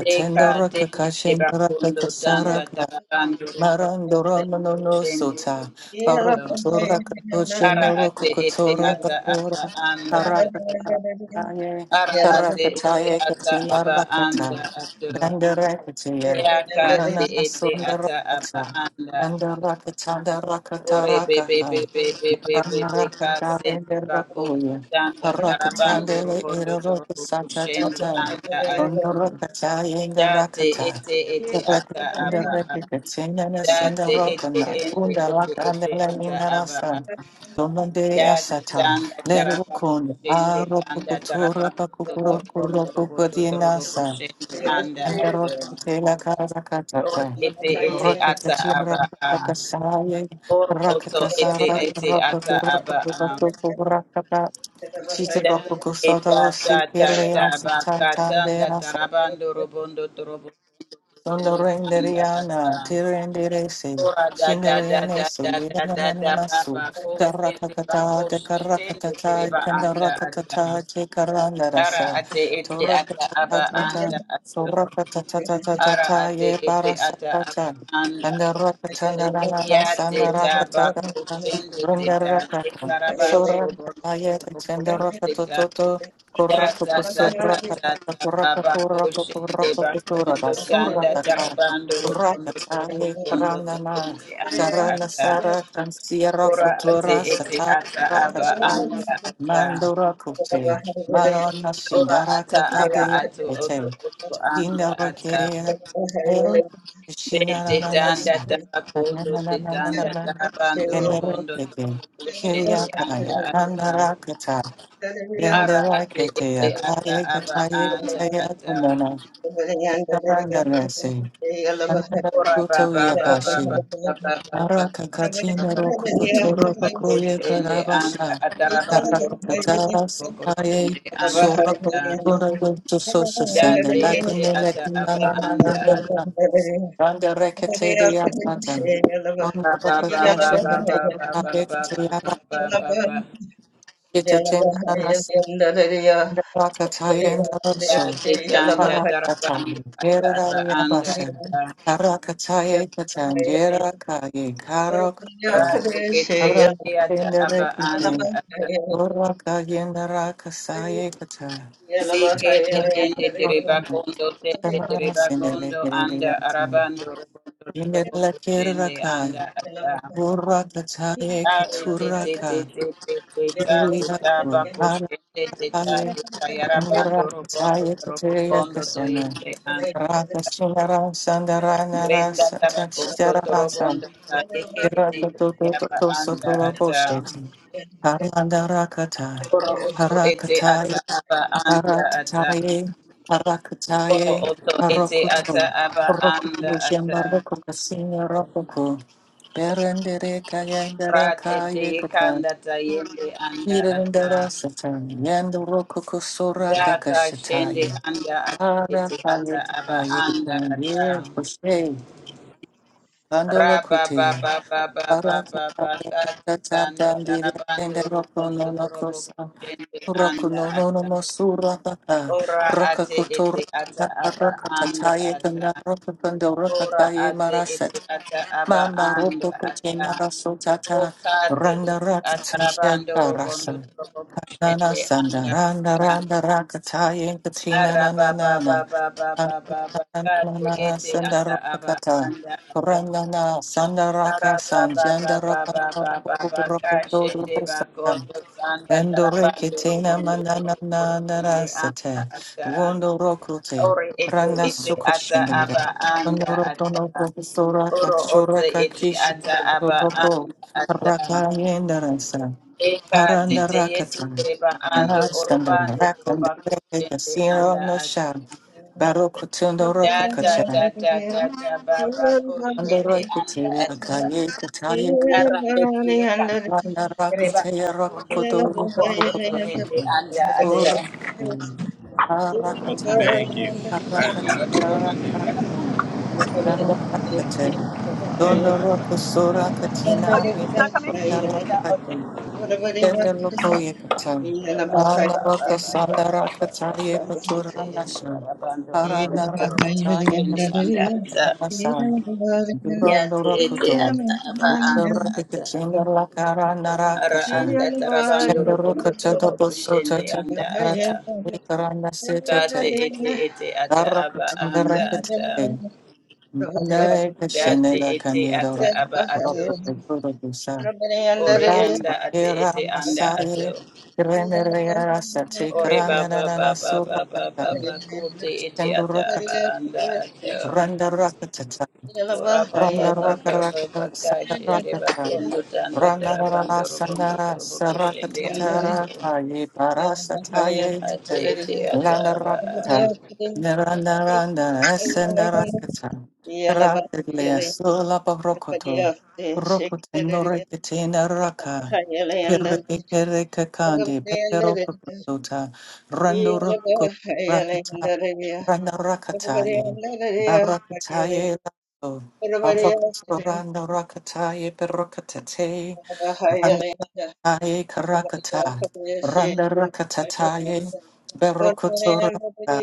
[SPEAKER 3] Deka tende
[SPEAKER 2] Kakashin
[SPEAKER 3] deba kondo tanda
[SPEAKER 2] Rakasaraka
[SPEAKER 3] tarabando robo do-
[SPEAKER 2] Marandora
[SPEAKER 3] robo
[SPEAKER 2] Manono
[SPEAKER 3] koshende
[SPEAKER 2] Sota,
[SPEAKER 3] anda atu.
[SPEAKER 2] Barokatora Kapoche
[SPEAKER 3] Ara
[SPEAKER 2] Neroko
[SPEAKER 3] ate ete
[SPEAKER 2] Kotora
[SPEAKER 3] ata aba
[SPEAKER 2] Bakora,
[SPEAKER 3] anda ato.
[SPEAKER 2] Parakataye,
[SPEAKER 3] Ara ate ete
[SPEAKER 2] Parakataye
[SPEAKER 3] ata
[SPEAKER 2] Katina
[SPEAKER 3] aba
[SPEAKER 2] Rakata,
[SPEAKER 3] anda ato.
[SPEAKER 2] Bandarakataya,
[SPEAKER 3] Yaka ate
[SPEAKER 2] Onana
[SPEAKER 3] ete ata aba
[SPEAKER 2] Sondarakata,
[SPEAKER 3] anda ato.
[SPEAKER 2] Bandarakatanda Rakata
[SPEAKER 3] Ore bebe
[SPEAKER 2] Rakaha,
[SPEAKER 3] bebe bebe bebe kase
[SPEAKER 2] Marangarakatare
[SPEAKER 3] bakondo
[SPEAKER 2] Rakoya,
[SPEAKER 3] tanda tarabando
[SPEAKER 2] Parakatandele
[SPEAKER 3] robondo
[SPEAKER 2] Eroka
[SPEAKER 3] torobo
[SPEAKER 2] Sata
[SPEAKER 3] kushende
[SPEAKER 2] Tata,
[SPEAKER 3] anda ato.
[SPEAKER 2] Tonarakataye
[SPEAKER 3] Date
[SPEAKER 2] Rakata.
[SPEAKER 3] ete ete ata
[SPEAKER 2] Unda
[SPEAKER 3] aba a.
[SPEAKER 2] replica senda na senda
[SPEAKER 3] Date ete
[SPEAKER 2] rokana.
[SPEAKER 3] ende
[SPEAKER 2] Unda
[SPEAKER 3] ete ete
[SPEAKER 2] lakandela
[SPEAKER 3] ata aba
[SPEAKER 2] indarasa.
[SPEAKER 3] a.
[SPEAKER 2] Tomandere
[SPEAKER 3] Dati
[SPEAKER 2] asata.
[SPEAKER 3] tanda taraba
[SPEAKER 2] Lerukun.
[SPEAKER 3] kushende tanda taraba
[SPEAKER 2] Arokuputura
[SPEAKER 3] kundo
[SPEAKER 2] pakupuro
[SPEAKER 3] torobondo robondo torobo
[SPEAKER 2] kuropukudinasa.
[SPEAKER 3] kushende anda
[SPEAKER 2] Senda
[SPEAKER 3] atero.
[SPEAKER 2] rokitela
[SPEAKER 3] Oro
[SPEAKER 2] karakatata.
[SPEAKER 3] ete ete
[SPEAKER 2] Rokita
[SPEAKER 3] ata
[SPEAKER 2] chindra
[SPEAKER 3] aba a.
[SPEAKER 2] kakasaya.
[SPEAKER 3] Oro oto ete
[SPEAKER 2] Rakakasara
[SPEAKER 3] ete ata aba a.
[SPEAKER 2] rokuturapakupurapakupurapaka. Sita
[SPEAKER 3] Dati
[SPEAKER 2] rokukusota
[SPEAKER 3] eta ta ta ta
[SPEAKER 2] osipiriasa
[SPEAKER 3] ba ka tanda
[SPEAKER 2] tatambera
[SPEAKER 3] tarabando robondo torobo
[SPEAKER 2] Sono
[SPEAKER 3] kushende anda ata.
[SPEAKER 2] renderiana, tirenderese,
[SPEAKER 3] Ora da da da
[SPEAKER 2] shineriene
[SPEAKER 3] da
[SPEAKER 2] su,
[SPEAKER 3] da da da da
[SPEAKER 2] nidanana
[SPEAKER 3] ba
[SPEAKER 2] su,
[SPEAKER 3] ba ko shende ba ko
[SPEAKER 2] tarakakata,
[SPEAKER 3] shende
[SPEAKER 2] dekarakatata,
[SPEAKER 3] kiriba anda ata.
[SPEAKER 2] kandarakatata,
[SPEAKER 3] Ara
[SPEAKER 2] kekarandarasa,
[SPEAKER 3] ate ete ata aba
[SPEAKER 2] torakatata,
[SPEAKER 3] anda ato. Ara
[SPEAKER 2] sorakatatatata,
[SPEAKER 3] ate
[SPEAKER 2] ye
[SPEAKER 3] ete ata aba
[SPEAKER 2] barasatata,
[SPEAKER 3] anda.
[SPEAKER 2] andarakandanana,
[SPEAKER 3] Ya te taba
[SPEAKER 2] sandarakatata,
[SPEAKER 3] kusende te ta te
[SPEAKER 2] rindarakata,
[SPEAKER 3] tarabando robo
[SPEAKER 2] sorakata, ye
[SPEAKER 3] robo kondo te ta.
[SPEAKER 2] kachandarakatoto,
[SPEAKER 3] Ya
[SPEAKER 2] Koroko
[SPEAKER 3] ta ta
[SPEAKER 2] posura
[SPEAKER 3] ta ta
[SPEAKER 2] kata
[SPEAKER 3] ta
[SPEAKER 2] koroko
[SPEAKER 3] baba
[SPEAKER 2] koroko
[SPEAKER 3] kusende
[SPEAKER 2] koroko kesura
[SPEAKER 3] bakondo
[SPEAKER 2] basura
[SPEAKER 3] kanda
[SPEAKER 2] kata
[SPEAKER 3] tarabando
[SPEAKER 2] sura
[SPEAKER 3] robo
[SPEAKER 2] kata
[SPEAKER 3] robo
[SPEAKER 2] ye
[SPEAKER 3] kondo
[SPEAKER 2] karana
[SPEAKER 3] to
[SPEAKER 2] na
[SPEAKER 3] anda
[SPEAKER 2] karana
[SPEAKER 3] ata.
[SPEAKER 2] sara kansiera
[SPEAKER 3] Ora ate
[SPEAKER 2] futura
[SPEAKER 3] ete
[SPEAKER 2] sata
[SPEAKER 3] ata aba
[SPEAKER 2] rakasha
[SPEAKER 3] anda ata.
[SPEAKER 2] mandura kute marona
[SPEAKER 3] Ora
[SPEAKER 2] shindara
[SPEAKER 3] ata
[SPEAKER 1] Everybody
[SPEAKER 2] kakada
[SPEAKER 3] aba
[SPEAKER 1] else
[SPEAKER 2] ya
[SPEAKER 1] can
[SPEAKER 3] ato oto
[SPEAKER 1] say,
[SPEAKER 2] ete
[SPEAKER 3] oto anda
[SPEAKER 2] shindara
[SPEAKER 3] ata.
[SPEAKER 2] ke
[SPEAKER 1] I Thank you.
[SPEAKER 2] ero
[SPEAKER 3] Be te
[SPEAKER 2] shinara na na
[SPEAKER 3] tanda
[SPEAKER 2] sa na
[SPEAKER 3] tabakondo
[SPEAKER 2] na na
[SPEAKER 3] te
[SPEAKER 2] na na na
[SPEAKER 3] tanda
[SPEAKER 2] na
[SPEAKER 3] tabando
[SPEAKER 2] kendere
[SPEAKER 3] robondo
[SPEAKER 2] keke
[SPEAKER 3] torobo tende anda
[SPEAKER 2] kiriakaya
[SPEAKER 3] ata.
[SPEAKER 2] kandarakata
[SPEAKER 3] Ara
[SPEAKER 2] Yandere
[SPEAKER 3] ate
[SPEAKER 2] kete
[SPEAKER 3] ete
[SPEAKER 2] ya
[SPEAKER 3] ata
[SPEAKER 2] kaye
[SPEAKER 3] aba
[SPEAKER 2] kataye
[SPEAKER 3] anda
[SPEAKER 2] kete ya
[SPEAKER 3] ata.
[SPEAKER 2] tundana. Kataranda resi. Kanana
[SPEAKER 3] Ora ba
[SPEAKER 2] suto
[SPEAKER 3] ba
[SPEAKER 2] ye
[SPEAKER 3] ba ba
[SPEAKER 2] bashi.
[SPEAKER 3] ba ba ba ba ba ba ba
[SPEAKER 2] Maraka
[SPEAKER 3] ba
[SPEAKER 2] katina roku futuro
[SPEAKER 3] ba
[SPEAKER 2] bakuye
[SPEAKER 3] Koshende anga
[SPEAKER 2] karabasha.
[SPEAKER 3] atarabando
[SPEAKER 2] Karaka
[SPEAKER 3] robondo
[SPEAKER 2] katara
[SPEAKER 3] tobo
[SPEAKER 2] sataye.
[SPEAKER 3] koshende
[SPEAKER 1] love
[SPEAKER 3] anda
[SPEAKER 1] her.
[SPEAKER 2] Sora
[SPEAKER 3] ata.
[SPEAKER 2] kutura wento sosa sende.
[SPEAKER 3] Date ete
[SPEAKER 2] Lakine
[SPEAKER 3] ata
[SPEAKER 2] lakina
[SPEAKER 3] aba
[SPEAKER 2] na na na na
[SPEAKER 3] anda
[SPEAKER 2] na. Randa rekete de ya satan. Ono
[SPEAKER 3] Thank
[SPEAKER 2] raka kajena raka kaye kete ya
[SPEAKER 1] You love her.
[SPEAKER 2] rakite tena na na. Randa raka taye ndaroso.
[SPEAKER 3] you.
[SPEAKER 2] Parakatami, Yerariabashan, Parakataye Katan, Yerakaye, Karokate, Arakatenderekite, Urakayendrakasaye Kata, Nerakaman, Samaras in the Lekiriatan,
[SPEAKER 1] Yellow,
[SPEAKER 2] Yenderlakiraka, Urakataye Katuraka, Kiriya Kumara Kaya, Karangara Kataya Kataya Kasana, Raka Sunara Sandara Nara
[SPEAKER 3] Brenda Tarakondo
[SPEAKER 2] Satchitara Rasan,
[SPEAKER 3] Torobondo Yeke Ete
[SPEAKER 2] Iraka
[SPEAKER 3] Ete
[SPEAKER 2] Toto
[SPEAKER 3] Aba
[SPEAKER 2] Toto
[SPEAKER 3] Anda
[SPEAKER 2] Sotolo
[SPEAKER 3] Ata
[SPEAKER 2] Bosheti, Harandara Kata,
[SPEAKER 3] Oro Oto Ete
[SPEAKER 2] Harakataye,
[SPEAKER 3] Ata Aba Anda Ata
[SPEAKER 2] Haratataye,
[SPEAKER 3] Oro
[SPEAKER 2] Harakataye,
[SPEAKER 3] Oto Ete Ata
[SPEAKER 2] Harokuto,
[SPEAKER 3] Aba Anda
[SPEAKER 2] Rokuto
[SPEAKER 3] Ata
[SPEAKER 2] Shambaroko Kasina Rokoko, Berendere Kayandara
[SPEAKER 3] Ratete
[SPEAKER 2] Kaya
[SPEAKER 3] Yekanda Tayende Anda
[SPEAKER 2] Yirandara
[SPEAKER 3] Ata
[SPEAKER 2] satani yando roku kusura
[SPEAKER 3] Daka Shende
[SPEAKER 2] kakashitaye.
[SPEAKER 3] Anda Ata
[SPEAKER 2] Ara
[SPEAKER 3] Ete
[SPEAKER 2] paye
[SPEAKER 3] Ata Aba
[SPEAKER 2] kitaye
[SPEAKER 3] Anda
[SPEAKER 2] kanye
[SPEAKER 3] Ata
[SPEAKER 2] fushe. Bandolo
[SPEAKER 3] Raba
[SPEAKER 2] kuteya.
[SPEAKER 3] Baba Baba
[SPEAKER 2] Ara
[SPEAKER 3] Baba
[SPEAKER 2] kakata
[SPEAKER 3] Baba
[SPEAKER 2] kakata
[SPEAKER 3] Kanda
[SPEAKER 2] dandire enda
[SPEAKER 3] Tarabando
[SPEAKER 2] roku
[SPEAKER 3] Robondo
[SPEAKER 2] no no
[SPEAKER 3] Torobo
[SPEAKER 2] kosa.
[SPEAKER 3] Shende
[SPEAKER 2] Roku
[SPEAKER 3] Anda
[SPEAKER 2] no no no
[SPEAKER 3] Ata
[SPEAKER 2] mosura kaka.
[SPEAKER 3] Ora
[SPEAKER 2] Roka
[SPEAKER 3] ate
[SPEAKER 2] kutura
[SPEAKER 3] ete ata
[SPEAKER 2] kaka
[SPEAKER 3] aba
[SPEAKER 2] roka
[SPEAKER 3] anda
[SPEAKER 2] tataye
[SPEAKER 3] ata.
[SPEAKER 2] kanda roka kando roka
[SPEAKER 3] Ora ate ete
[SPEAKER 2] kaye
[SPEAKER 3] ata aba
[SPEAKER 2] Mamba
[SPEAKER 3] anda
[SPEAKER 2] ropo kuchenya
[SPEAKER 3] ata.
[SPEAKER 2] raso tata
[SPEAKER 3] Oka ate
[SPEAKER 2] randa
[SPEAKER 3] ete ata
[SPEAKER 2] rakataya
[SPEAKER 3] rabando
[SPEAKER 2] karasa
[SPEAKER 3] robondo trobo
[SPEAKER 2] kanana
[SPEAKER 3] kushende
[SPEAKER 2] sanda
[SPEAKER 3] anda
[SPEAKER 2] randa
[SPEAKER 3] ata.
[SPEAKER 2] randa rakataya katina na
[SPEAKER 3] Araba
[SPEAKER 2] na
[SPEAKER 3] ba
[SPEAKER 2] na na
[SPEAKER 3] ba ba ba
[SPEAKER 2] na
[SPEAKER 3] ba ba ba
[SPEAKER 2] na na
[SPEAKER 3] kate
[SPEAKER 2] na
[SPEAKER 3] ete
[SPEAKER 2] sanda
[SPEAKER 3] ata aba
[SPEAKER 2] rakata
[SPEAKER 3] anda ata.
[SPEAKER 2] randa na sanda raka
[SPEAKER 3] Araba ba ba
[SPEAKER 2] sanjanda
[SPEAKER 3] ba
[SPEAKER 2] raka
[SPEAKER 3] ba ba
[SPEAKER 2] ropo
[SPEAKER 3] ba
[SPEAKER 2] ropo
[SPEAKER 3] ba
[SPEAKER 2] ropo
[SPEAKER 3] kashende
[SPEAKER 2] ropo sanda
[SPEAKER 3] bakondo anda
[SPEAKER 2] Endoreke
[SPEAKER 3] tarabando
[SPEAKER 2] na
[SPEAKER 3] robondo
[SPEAKER 2] Endorekete
[SPEAKER 3] trobo
[SPEAKER 2] na
[SPEAKER 3] kushende anda
[SPEAKER 2] narasate,
[SPEAKER 3] ata.
[SPEAKER 2] wondo rokute,
[SPEAKER 3] Ore ete
[SPEAKER 2] randa
[SPEAKER 3] ete ata
[SPEAKER 2] sukushinira,
[SPEAKER 3] aba anda ata.
[SPEAKER 2] onorotono profesora
[SPEAKER 3] Oro
[SPEAKER 2] kakshora
[SPEAKER 3] ote ete
[SPEAKER 2] kakishi,
[SPEAKER 3] ata aba
[SPEAKER 2] dodoko,
[SPEAKER 3] anda ata.
[SPEAKER 2] raka yendarasa,
[SPEAKER 3] Eka
[SPEAKER 2] paranda
[SPEAKER 3] tete yete
[SPEAKER 2] rakata,
[SPEAKER 3] reba ando
[SPEAKER 2] karasanda
[SPEAKER 3] orobando
[SPEAKER 2] rakanda
[SPEAKER 3] turuba
[SPEAKER 2] rekete,
[SPEAKER 3] kushende
[SPEAKER 2] siro
[SPEAKER 3] anda
[SPEAKER 2] no
[SPEAKER 3] ata.
[SPEAKER 2] sha, barokutundo
[SPEAKER 3] Data
[SPEAKER 2] rokakacha,
[SPEAKER 3] data data baba kushende anda
[SPEAKER 2] andorekete
[SPEAKER 3] ata.
[SPEAKER 2] lakaye kataye
[SPEAKER 3] Ara tete eka reba
[SPEAKER 2] Anarakateya
[SPEAKER 3] kondo turuba
[SPEAKER 2] rakokodori
[SPEAKER 3] kondo toyende
[SPEAKER 2] rakokorakata.
[SPEAKER 3] anda ata.
[SPEAKER 2] Korakata. Arakataya.
[SPEAKER 3] Thank
[SPEAKER 2] Arakataya rakate. Anarakateya. Dondo roko sora katina reba soda
[SPEAKER 3] you.
[SPEAKER 2] lakaye. Kendelokoyekatan.
[SPEAKER 3] Yate
[SPEAKER 2] Andarakasandaraktataye paturandasam. Parandarakataye kasandarasan.
[SPEAKER 3] ete
[SPEAKER 2] Durandurakuto.
[SPEAKER 3] ata aba anda ata
[SPEAKER 1] Yeah.
[SPEAKER 3] ara
[SPEAKER 2] Dundarakikachindarakarandarakacha.
[SPEAKER 3] anda tarabando robondo trobo koshende anda ata
[SPEAKER 2] Chendarukatatabosotatatatarikarandasetete.
[SPEAKER 3] kate ete ete ata aba anda
[SPEAKER 2] Darakatindarakate.
[SPEAKER 3] ata dati ete ata aba ato
[SPEAKER 2] Bandarekashenelakanyerarakurokotekurokisa.
[SPEAKER 3] ori anda
[SPEAKER 2] Rata
[SPEAKER 3] ate
[SPEAKER 2] era
[SPEAKER 3] ete anda ato
[SPEAKER 2] masaye renere sati
[SPEAKER 3] ori
[SPEAKER 2] karanga na
[SPEAKER 3] baba
[SPEAKER 2] na na
[SPEAKER 3] baba
[SPEAKER 2] sura
[SPEAKER 3] baba
[SPEAKER 2] kata
[SPEAKER 3] baba kote
[SPEAKER 1] Yeah.
[SPEAKER 3] ete ata
[SPEAKER 2] chendura kata
[SPEAKER 3] aba anda ato
[SPEAKER 2] randa rakata
[SPEAKER 3] Greetings,
[SPEAKER 2] Randa Rakataye,
[SPEAKER 1] Yeah.
[SPEAKER 2] Barakataye, Randa rakataye perakatate, randa taye karakata, randa rakatataye, berokoto rakata,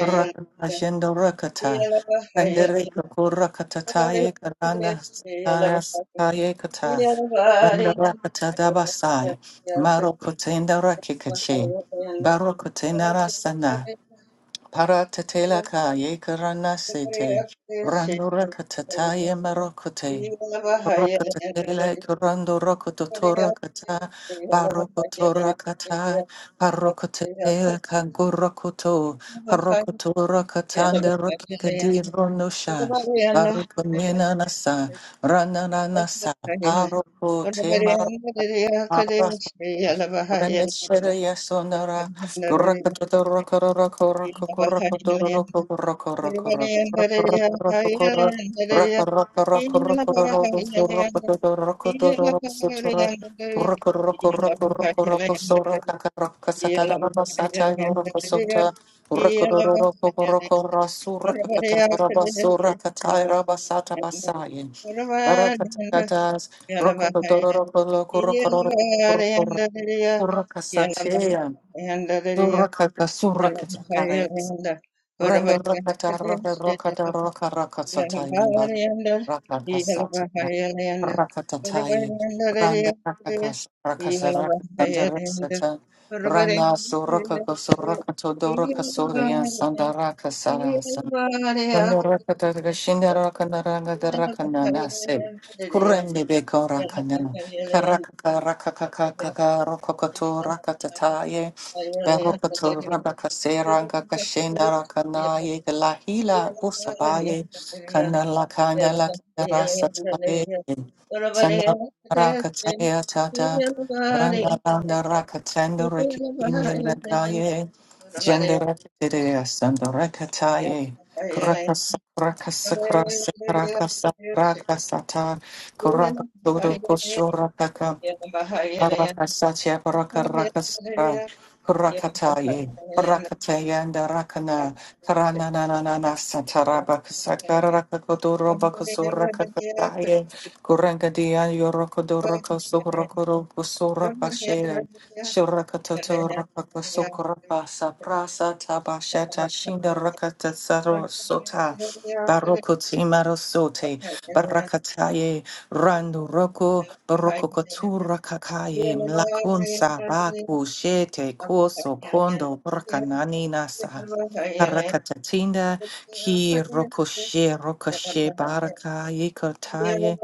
[SPEAKER 2] rakashendo rakata, randa rekako rakatataye karanda sataya sataye kata, randa rakata dabasai, marokotenda rakikache,
[SPEAKER 1] Yeah.
[SPEAKER 2] barokotenda rasana, Paratatelaka yekarana sete. Rando rakatata ye marokote. Rakatatela kurando rokototora kata. Barokotora kata. Parokotetela kangurokoto. Parokotora katande rokikadi ronosha. Barokonena nasa. Ranana nasa. Paroko temaro. Rameshwaraya Sundara, Rakatata, Rokorokoro,
[SPEAKER 1] Yeah.
[SPEAKER 2] Rokorokoro, Rakasatea, Surakata Surakatare, Brenda Rakata Raka Rakata Raka
[SPEAKER 1] Yeah.
[SPEAKER 2] Rakasatayimba, Rakakasatayimba, Rakatatayim, Branda Rakakas, Rakasaraka Sandarasata, Rana Surakato Surakato Doraka Surian Sandaraka Kandarakata Shindarakanaranga the Rakanana say Kurende Beko rakana Kanala
[SPEAKER 1] Yeah.
[SPEAKER 2] kanala kanara sataye Sandarakataya tata, Randaranda rakatanda rekikimya lakaye, Jendarakataya sandarakataye, rakataye karakasa karasa karakasa karakasata, Karakatodo koshoraka Arakasatya parakarakasara kurakataye parakataya and rakana karana na na na na sataraba kasakara rakakodoro bakasura kakataye kurangadiya yorokodoro kasura kusura pashere shurakatoto
[SPEAKER 1] Yeah.
[SPEAKER 2] rakakasukura pasa prasa tabashata shinda rakata saro sota barokuti marosote Barakataye, Randu Roko, Baroko Kotura Kakaye, Mlakunsa, Baku, Shete, Koso, Kondo, Brakanani Nasa, Parakatatinda, Ki Rokoshe, Rokoshe, Barakaye, Kotaye,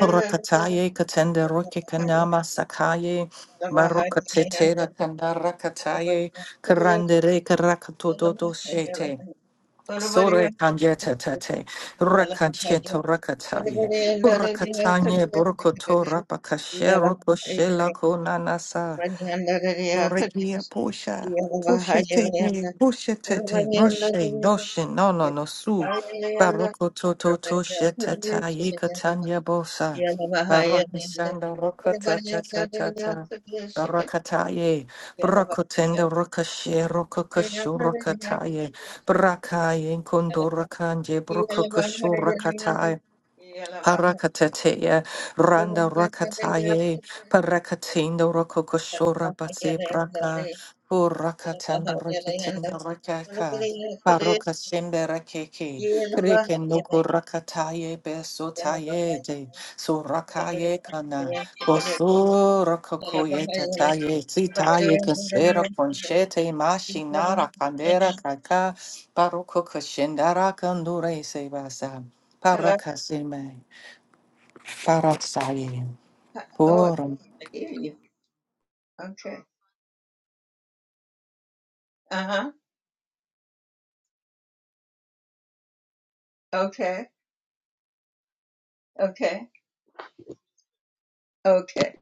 [SPEAKER 2] Rakataye, Katenda, Roke, Kanama, Sakaye, Marokatete, Kanda, Rakataye, Karandere, Karakatoto, Shete. Sore kanjeta tate,
[SPEAKER 1] Yeah.
[SPEAKER 2] rakacheto rakataye, urakatanye burkoto rapakashero koshela konanasa. Dorekia Posha. Poshete ne poshete roshe doshe no no no su baroko toto to to sheta yikatanya bosa baraka sanda roka ta ta ta ta ta barakataye brokotenda rokashe rokokashu rokataye brakaye kondoraka nje brokokashu Parakatetea,
[SPEAKER 1] Hello.
[SPEAKER 2] Randa Rakataye, Parakatendo Rokokoshora Batse Braka, Purakatando Rakatenda Rakaka, Paroka Shembe Rakeke, Kreke Noko Rakataye, Besotaye, De Sorakaye Kana, Koso Rokokoye Tataye, Sitaye Kasera Conchete, Mashinara Kandera Kaka, Paroko Kashendara Kandure Sebasa, Parakasime. Farasai,
[SPEAKER 1] Oh,
[SPEAKER 2] Bora
[SPEAKER 1] I hear you. Okay. Uh huh. Okay. Okay. Okay.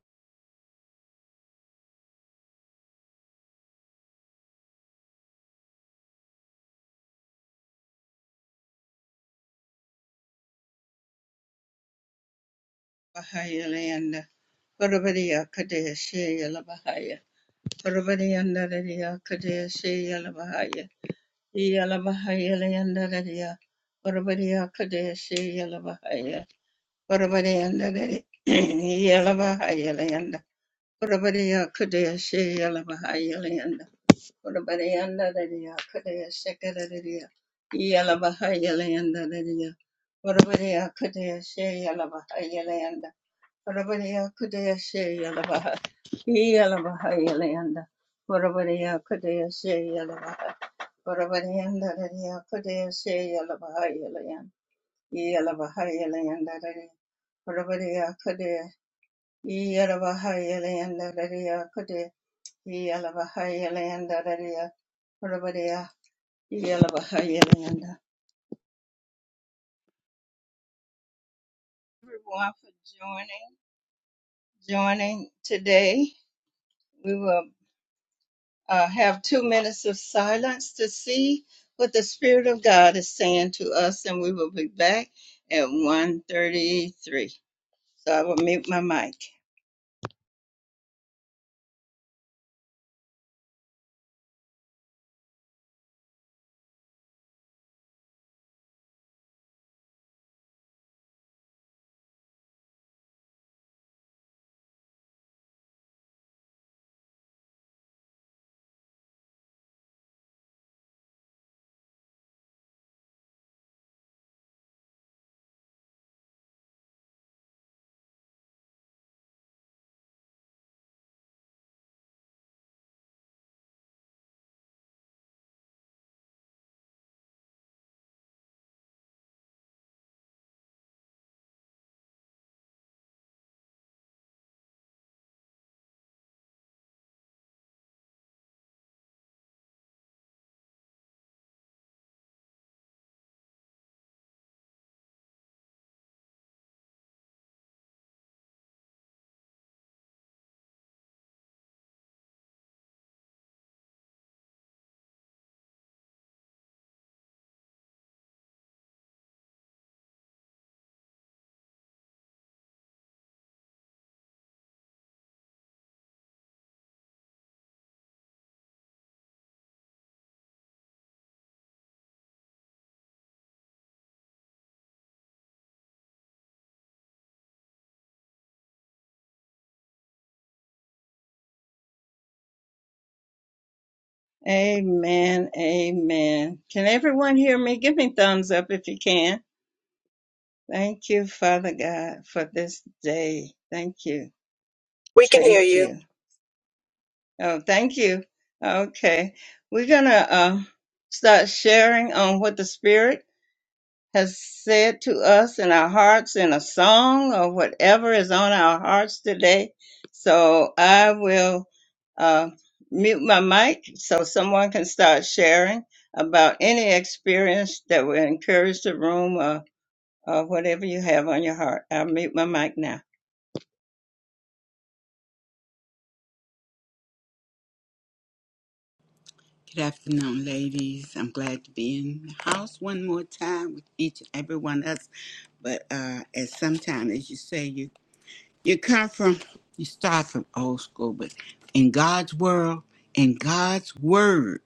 [SPEAKER 1] Bahayalanda. Barabariya Kadeshi Parvatiyandarariya Kadesi Yalavahaya Yalavahaya Layandararia Parvatiya Kadesi Yalavahaya Parvatiyandarari Yalavahaya Layanda Parvatiya Kadesi Yalavahaya Leanda. Urabariandariya, Kudaya Sekadariya, Yalabahayalayandarariya, orabariya Kudaya Shayalabahayalayanda, orabariya Kudaya Shayalabaha, Yalabahayalayanda, orabariya Kudaya Shayalabaha, Urabariandariya, Kudaya Shayalabahayalayan, Yalabahayalayandarariya, orabariya Kudaya, Yalabahayalayandadariya kudaya Yalabahayalanda, Rabadea, Yalabahayalanda. Everyone for joining, joining today. We will uh, have two minutes of silence to see what the Spirit of God is saying to us, and we will be back at 1.33. So I will mute my mic. Amen, amen. Can everyone hear me? Give me thumbs up if you can. Thank you, Father God, for this day. Thank you.
[SPEAKER 4] We can hear
[SPEAKER 1] Thank
[SPEAKER 4] you.
[SPEAKER 1] you. Oh, thank you. Okay. We're going to uh, start sharing on what the Spirit has said to us in our hearts in a song or whatever is on our hearts today. So I will uh, mute my mic so someone can start sharing about any experience that will encourage the room or, or whatever you have on your heart. I'll mute my mic now.
[SPEAKER 5] Good afternoon, ladies. I'm glad to be in the house one more time with each and every one of us. But uh, as sometimes, as you say, you you come from, you start from old school, but in God's world, in God's word,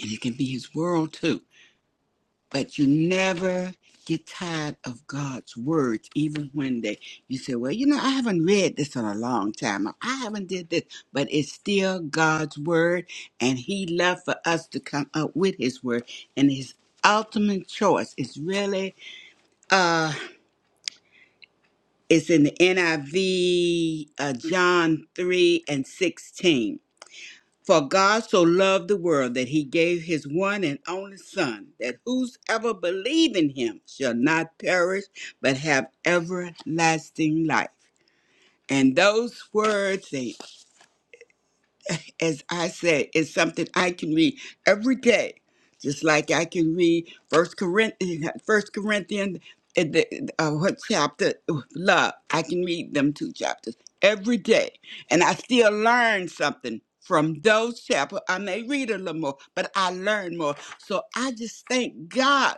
[SPEAKER 5] and it can be His world too. but you never get tired of God's words, even when they you say, "Well, you know, I haven't read this in a long time. I haven't did this," but it's still God's word, and He loved for us to come up with His word, and His ultimate choice is really uh it's in the NIV uh, John 3 and 16 for God so loved the world that he gave his one and only Son, that whosoever believe in him shall not perish, but have everlasting life. And those words, they as I said, is something I can read every day. Just like I can read First Corinthians, First Corinthians, uh, the- uh, what chapter? Love. I can read them two chapters every day, and I still learn something from those chapters. I may read a little more, but I learn more. So I just thank God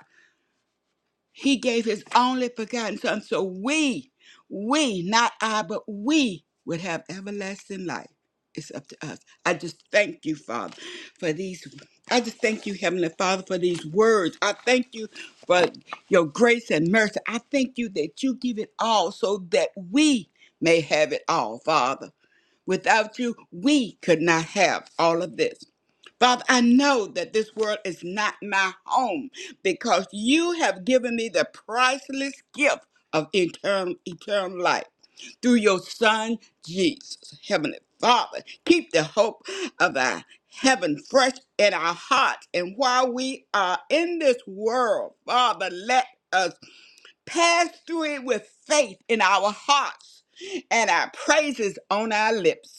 [SPEAKER 5] he gave his only begotten son so we, we, not I, but we would have everlasting life. It's up to us. I just thank you, Father, for these. I just thank you, Heavenly Father, for these words. I thank you for your grace and mercy. I thank you that you give it all so that we may have it all, Father. Without you, we could not have all of this. Father, I know that this world is not my home because you have given me the priceless gift of eternal, eternal life through your Son, Jesus. Heavenly Father, keep the hope of our heaven fresh in our hearts. And while we are in this world, Father, let us pass through it with faith in our hearts and our praises on our lips.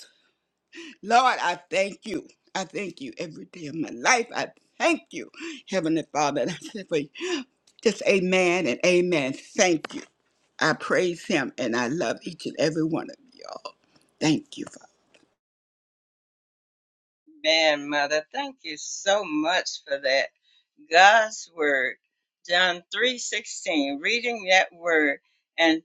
[SPEAKER 5] Lord, I thank you. I thank you every day of my life. I thank you, Heavenly Father. And I say for you, just amen and amen. Thank you. I praise him and I love each and every one of y'all. Thank you,
[SPEAKER 1] Man, Mother, thank you so much for that. God's word. John 3:16, reading that word and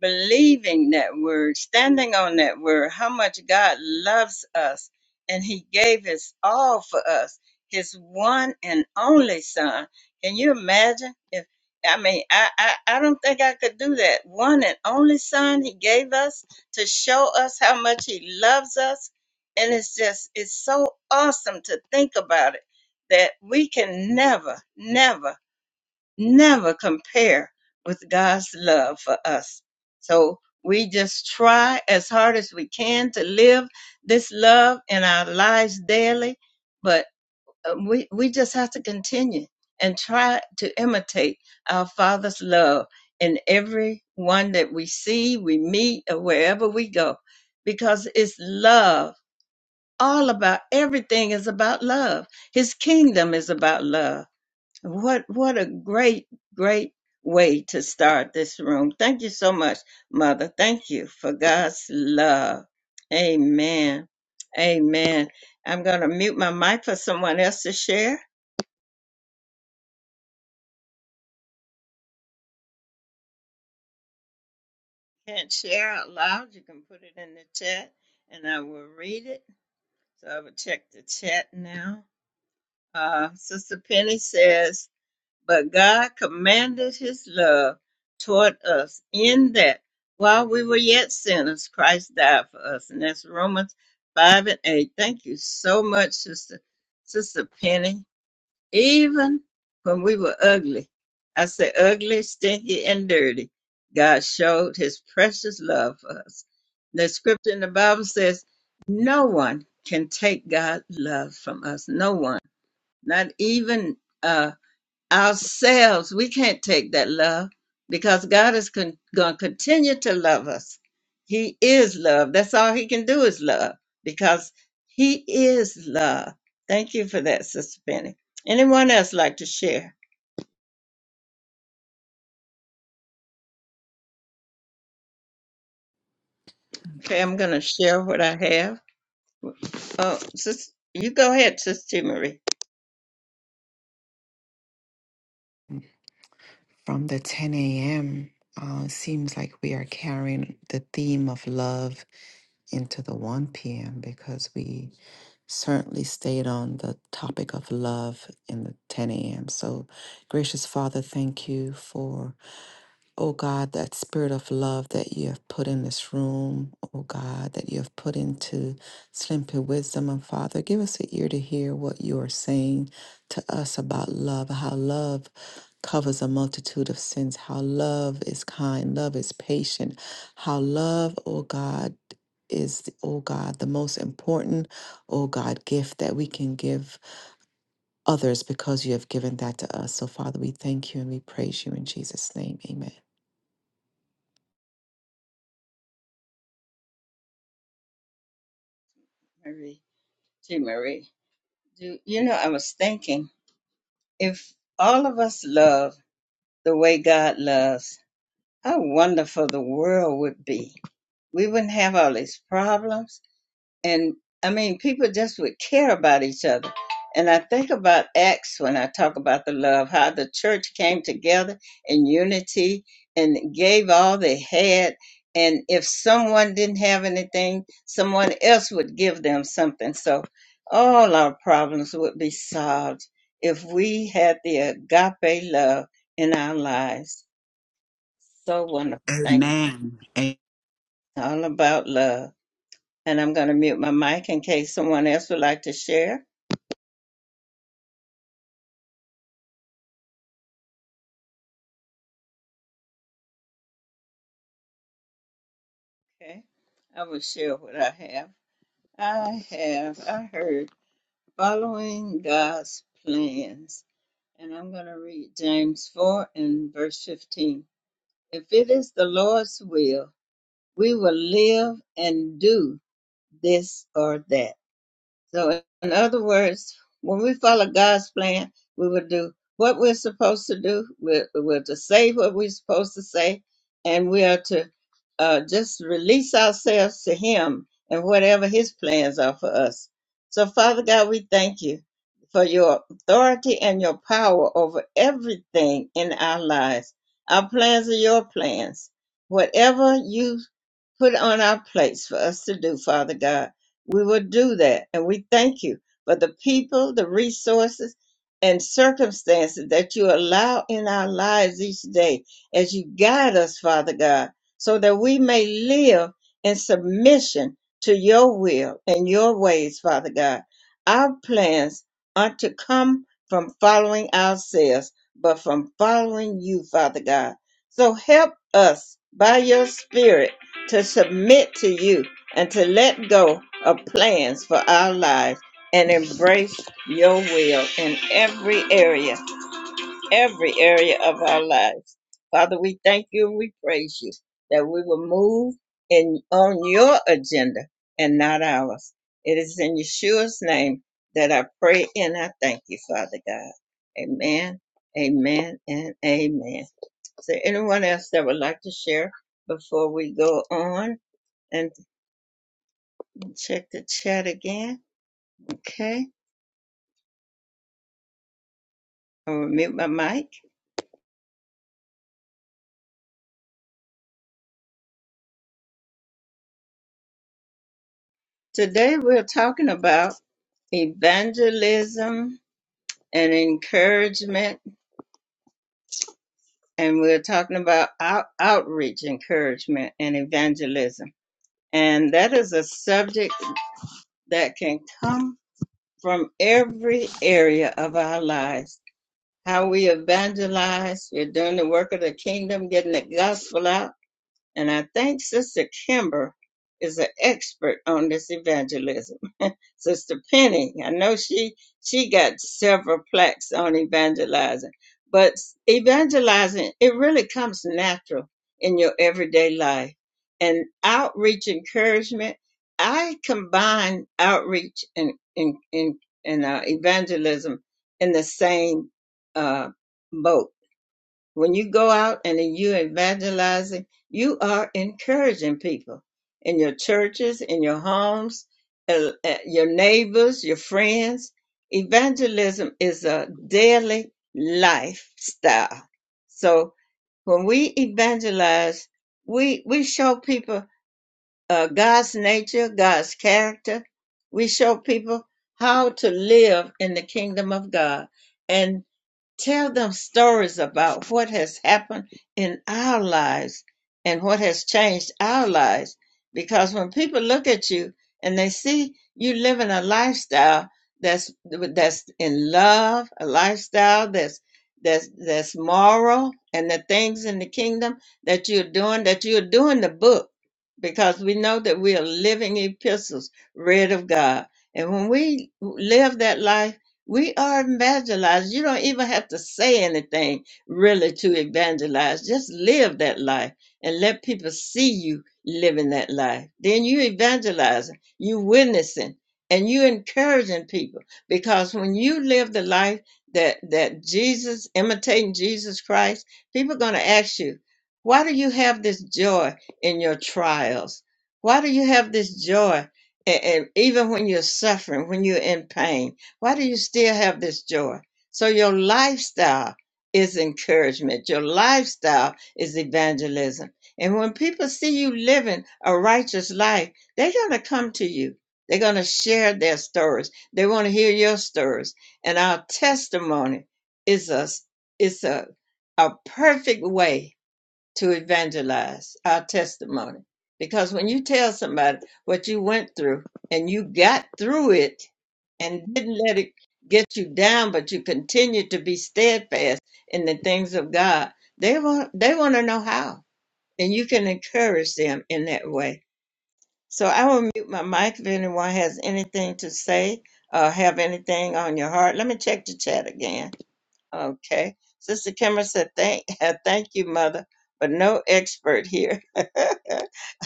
[SPEAKER 1] believing that word, standing on that word, how much God loves us and he gave his all for us, his one and only son. Can you imagine if I mean, I, I, I don't think I could do that. One and only son he gave us to show us how much he loves us and it's just, it's so awesome to think about it that we can never, never, never compare with God's love for us. So we just try as hard as we can to live this love in our lives daily, but uh, we, we just have to continue and try to imitate our Father's love in every one that we see, we meet, or wherever we go, because it's love all about everything is about love. His kingdom is about love. What what a great great way to start this room. Thank you so much, mother. Thank you for God's love. Amen. Amen. I'm going to mute my mic for someone else to share. Can't share out loud. You can put it in the chat and I will read it. So I will check the chat now. Uh, Sister Penny says, But God commanded his love toward us in that while we were yet sinners, Christ died for us. And that's Romans 5 and 8. Thank you so much, Sister, Sister Penny. Even when we were ugly, I say ugly, stinky, and dirty, God showed his precious love for us. The scripture in the Bible says, No one can take God's love from us. No one, not even us ourselves. We can't take that love because God is con- going to continue to love us. He is love. That's all He can do is love because He is love. Thank you for that, Sister Penny. Anyone else like to share? Okay, I'm going to share what I have. Oh, sis, you go ahead, Sister T. Marie.
[SPEAKER 6] From the 10 a.m., uh, seems like we are carrying the theme of love into the 1 p.m. because we certainly stayed on the topic of love in the 10 a.m. So, gracious Father, thank you for. Oh God, that spirit of love that you have put in this room, oh God, that you have put into Simply Wisdom. And Father, give us an ear to hear what you are saying to us about love, how love covers a multitude of sins, how love is kind, love is patient, how love, oh God, is, oh God, the most important, oh God, gift that we can give others because you have given that to us. So, Father, we thank you and we praise you in Jesus' name. Amen.
[SPEAKER 1] Marie, T. Marie. Do, you know, I was thinking if all of us love the way God loves, how wonderful the world would be we wouldn't have all these problems. And I mean, people just would care about each other. And I think about Acts when I talk about the love, how the church came together in unity and gave all they had. And if someone didn't have anything, someone else would give them something. So all our problems would be solved if we had the agape love in our lives. So wonderful.
[SPEAKER 5] Father.
[SPEAKER 1] Thank
[SPEAKER 5] Amen.
[SPEAKER 1] you. all about love. And I'm going to mute my mic in case someone else would like to share. Okay. I will share what I have. I have, I heard following God's plans. And I'm going to read James 4 and verse 15. If it is the Lord's will, we will live and do this or that. So, in other words, when we follow God's plan, we will do what we're supposed to do. We're, we're to say what we're supposed to say, and we are to uh, just release ourselves to Him and whatever His plans are for us. So, Father God, we thank you for your authority and your power over everything in our lives. Our plans are your plans. Whatever you put on our plates for us to do, Father God. We will do that. And we thank you for the people, the resources, and circumstances that you allow in our lives each day as you guide us, Father God, so that we may live in submission to your will and your ways, Father God. Our plans aren't to come from following ourselves, but from following you, Father God. So help us by your spirit to submit to you and to let go of plans for our lives and embrace your will in every area, every area of our lives. Father, we thank you and we praise you that we will move in on your agenda and not ours. It is in Yeshua's name that I pray and I thank you, Father God. Amen, amen, and amen. Is there anyone else that would like to share before we go on? and check the chat again. Okay, I'll mute my mic. Today we're talking about evangelism and encouragement, and we're talking about out- outreach, encouragement, and evangelism. And that is a subject that can come from every area of our lives. How we evangelize, we're doing the work of the kingdom, getting the gospel out And I think Sister Kimber is an expert on this evangelism. Sister Penny, I know she she got several plaques on evangelizing, but evangelizing it really comes natural in your everyday life. And outreach encouragement, I combine outreach and and and, and uh, evangelism in the same uh, boat when you go out and you evangelizing, you are encouraging people in your churches, in your homes, uh, uh, your neighbors, your friends. Evangelism is a daily lifestyle. So when we evangelize, we we show people uh, God's nature, God's character. We show people how to live in the kingdom of God and. Tell them stories about what has happened in our lives and what has changed our lives. Because when people look at you and they see you living a lifestyle that's that's in love, a lifestyle that's that's that's moral, and the things in the kingdom that you're doing, that you're doing the book, because we know that we are living epistles read of God. And when we live that life we are evangelized. You don't even have to say anything really to evangelize. Just live that life and let people see you living that life. Then you evangelizing, you witnessing, and you encouraging people. Because when you live the life that that Jesus, imitating Jesus Christ, people are gonna ask you, why do you have this joy in your trials? Why do you have this joy? And even when you're suffering, when you're in pain, why do you still have this joy? So your lifestyle is encouragement. Your lifestyle is evangelism. And when people see you living a righteous life, they're going to come to you. They're going to share their stories. They want to hear your stories. And our testimony is a, is a, a perfect way to evangelize our testimony. Because when you tell somebody what you went through and you got through it and didn't let it get you down, but you continue to be steadfast in the things of God, they want they want to know how. And you can encourage them in that way. So I will mute my mic if anyone has anything to say or have anything on your heart. Let me check the chat again. Okay. Sister Kimber said, thank, thank you, Mother, but no expert here.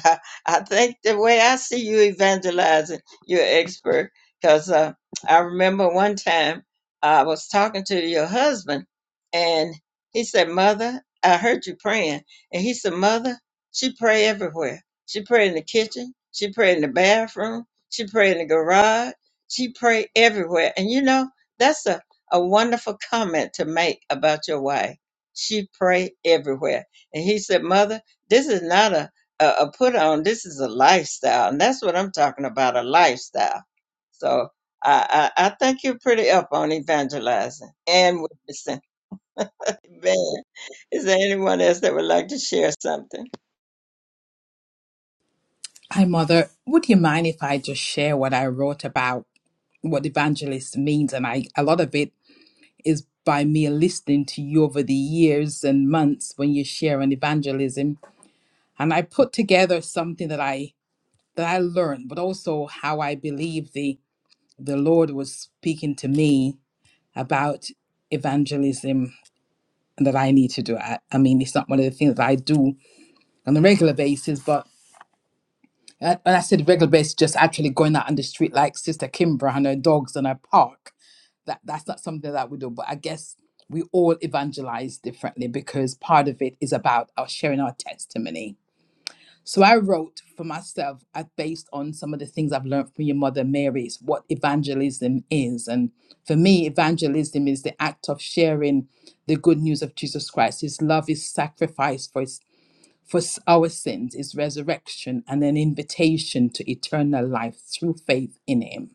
[SPEAKER 1] I, I think the way I see you evangelizing, you're an expert. Because uh, I remember one time I was talking to your husband, and he said, Mother, I heard you praying. And he said, Mother, she pray everywhere. She pray in the kitchen. She pray in the bathroom. She pray in the garage. She pray everywhere. And you know, that's a, a wonderful comment to make about your wife. She pray everywhere. And he said, Mother, this is not a a, a put on. This is a lifestyle, and that's what I'm talking about—a lifestyle. So I, I, I think you're pretty up on evangelizing and witnessing. Man, is there anyone else that would like to share something?
[SPEAKER 7] Hi, Mother. Would you mind if I just share what I wrote about what evangelist means? And I, a lot of it is by me listening to you over the years and months when you share on evangelism. And I put together something that I that I learned, but also how I believe the the Lord was speaking to me about evangelism that I need to do. I, I mean, it's not one of the things that I do on a regular basis, but. And, and I said regular basis, just actually going out on the street like Sister Kimbra and her dogs and her park. That that's not something that we do. But I guess we all evangelize differently because part of it is about our sharing our testimony. So I wrote for myself, I based on some of the things I've learned from your mother Mary's, what evangelism is. And for me, evangelism is the act of sharing the good news of Jesus Christ. His love is sacrificed for for s- our sins is resurrection and an invitation to eternal life through faith in him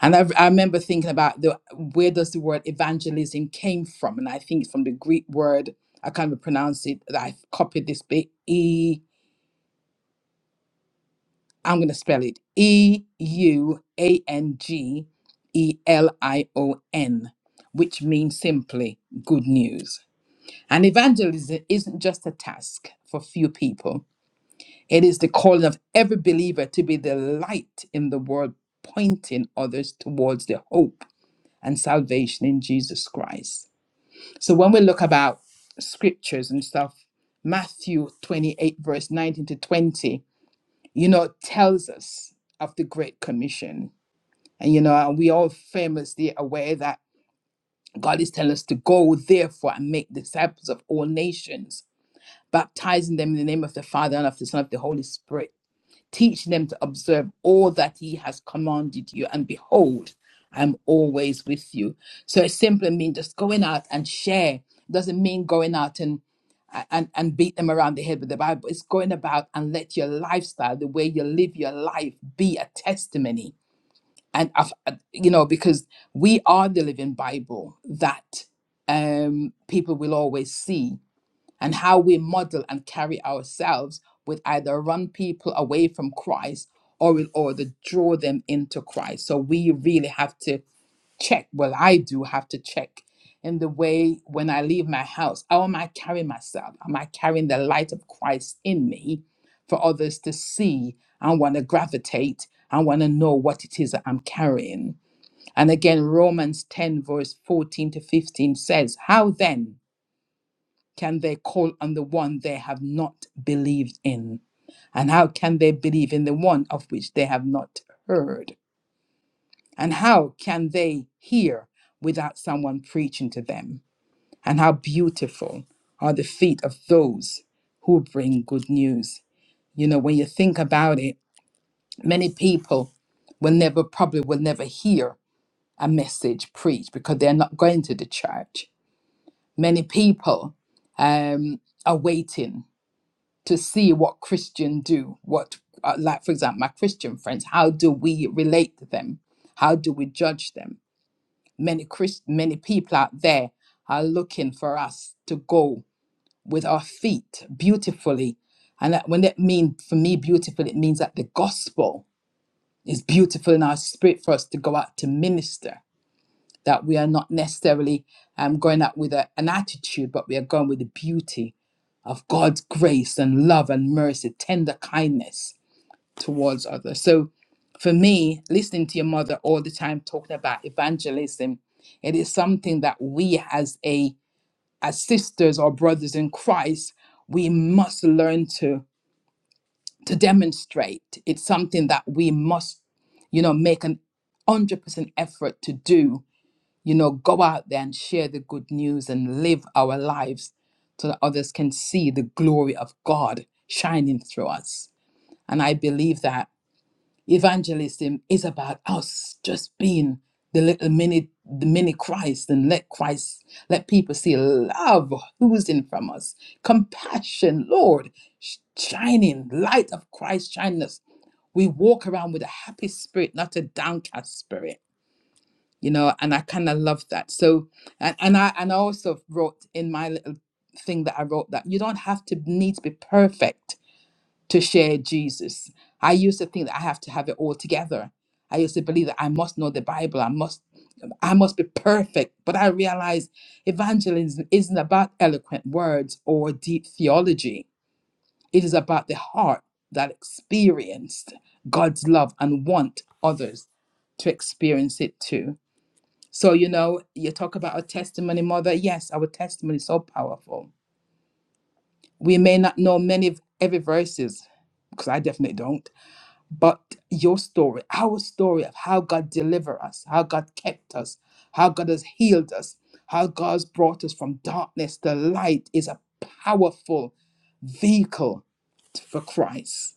[SPEAKER 7] and i, I remember thinking about the where does the word evangelism came from and i think it's from the greek word i can't even pronounce it that i've copied this bit e i'm going to spell it e u a n g e l i o n which means simply good news and evangelism isn't just a task for few people It is the calling of every believer to be the light in the world, pointing others towards the hope and salvation in Jesus Christ. So when we look about scriptures and stuff, Matthew 28, verse 19 to 20, you know, tells us of the Great Commission. And, you know, we all famously aware that God is telling us to go, therefore, and make disciples of all nations, baptizing them in the name of the Father and of the Son and of the Holy Spirit teaching them to observe all that he has commanded you. And behold, I'm always with you. So it simply means just going out and share. It doesn't mean going out and and, and beat them around the head with the Bible. It's going about and let your lifestyle, the way you live your life, be a testimony. And I've, you know, because we are the living Bible that um, people will always see and how we model and carry ourselves would either run people away from Christ or in order to draw them into Christ. So we really have to check. Well, I do have to check in the way when I leave my house. How am I carrying myself? Am I carrying the light of Christ in me for others to see and want to gravitate and want to know what it is that I'm carrying? And again, Romans 10, verse 14 to 15 says, How then? can they call on the one they have not believed in? And how can they believe in the one of which they have not heard? And how can they hear without someone preaching to them? And how beautiful are the feet of those who bring good news? You know, when you think about it, many people will never, probably will never hear a message preached because they're not going to the church. Many people um, are waiting to see what Christian do, what uh, like for example my Christian friends, how do we relate to them? How do we judge them? Many Christ, many people out there are looking for us to go with our feet beautifully, and that, when that means for me beautiful, it means that the gospel is beautiful in our spirit for us to go out to minister that we are not necessarily um, going out with a, an attitude, but we are going with the beauty of God's grace and love and mercy, tender kindness towards others. So for me, listening to your mother all the time talking about evangelism, it is something that we as a as sisters or brothers in Christ, we must learn to to demonstrate. It's something that we must, you know, make an 100% effort to do you know, go out there and share the good news and live our lives so that others can see the glory of God shining through us. And I believe that evangelism is about us just being the little mini the mini Christ and let Christ let people see love oozing from us, compassion, Lord, sh- shining, light of Christ shining us. We walk around with a happy spirit, not a downcast spirit you know and i kind of love that so and, and i and i also wrote in my little thing that i wrote that you don't have to need to be perfect to share jesus i used to think that i have to have it all together i used to believe that i must know the bible i must i must be perfect but i realized evangelism isn't about eloquent words or deep theology it is about the heart that experienced god's love and want others to experience it too so, you know, you talk about our testimony, mother. Yes, our testimony is so powerful. We may not know many of every verses, because I definitely don't, but your story, our story of how God delivered us, how God kept us, how God has healed us, how God's brought us from darkness to light is a powerful vehicle for Christ.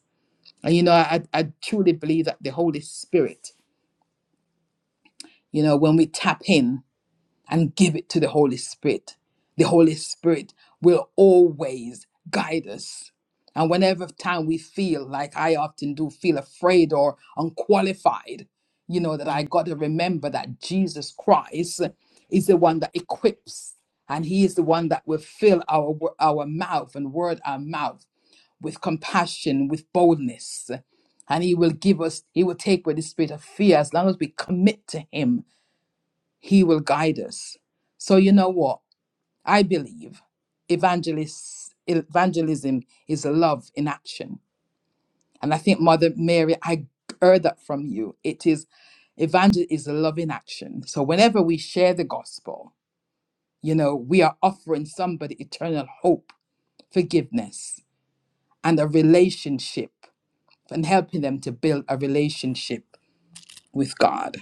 [SPEAKER 7] And you know, I, I truly believe that the Holy Spirit, you know, when we tap in, and give it to the Holy Spirit. The Holy Spirit will always guide us. And whenever time we feel like I often do feel afraid or unqualified, you know, that I got to remember that Jesus Christ is the one that equips and he is the one that will fill our wo- our mouth and word our mouth with compassion, with boldness. And he will give us, he will take away the spirit of fear as long as we commit to him he will guide us. So, you know what? I believe evangelis- evangelism is love in action. And I think, Mother Mary, I heard that from you. It is evangel is love in action. So, whenever we share the gospel, you know, we are offering somebody eternal hope, forgiveness, and a relationship, and helping them to build a relationship with God.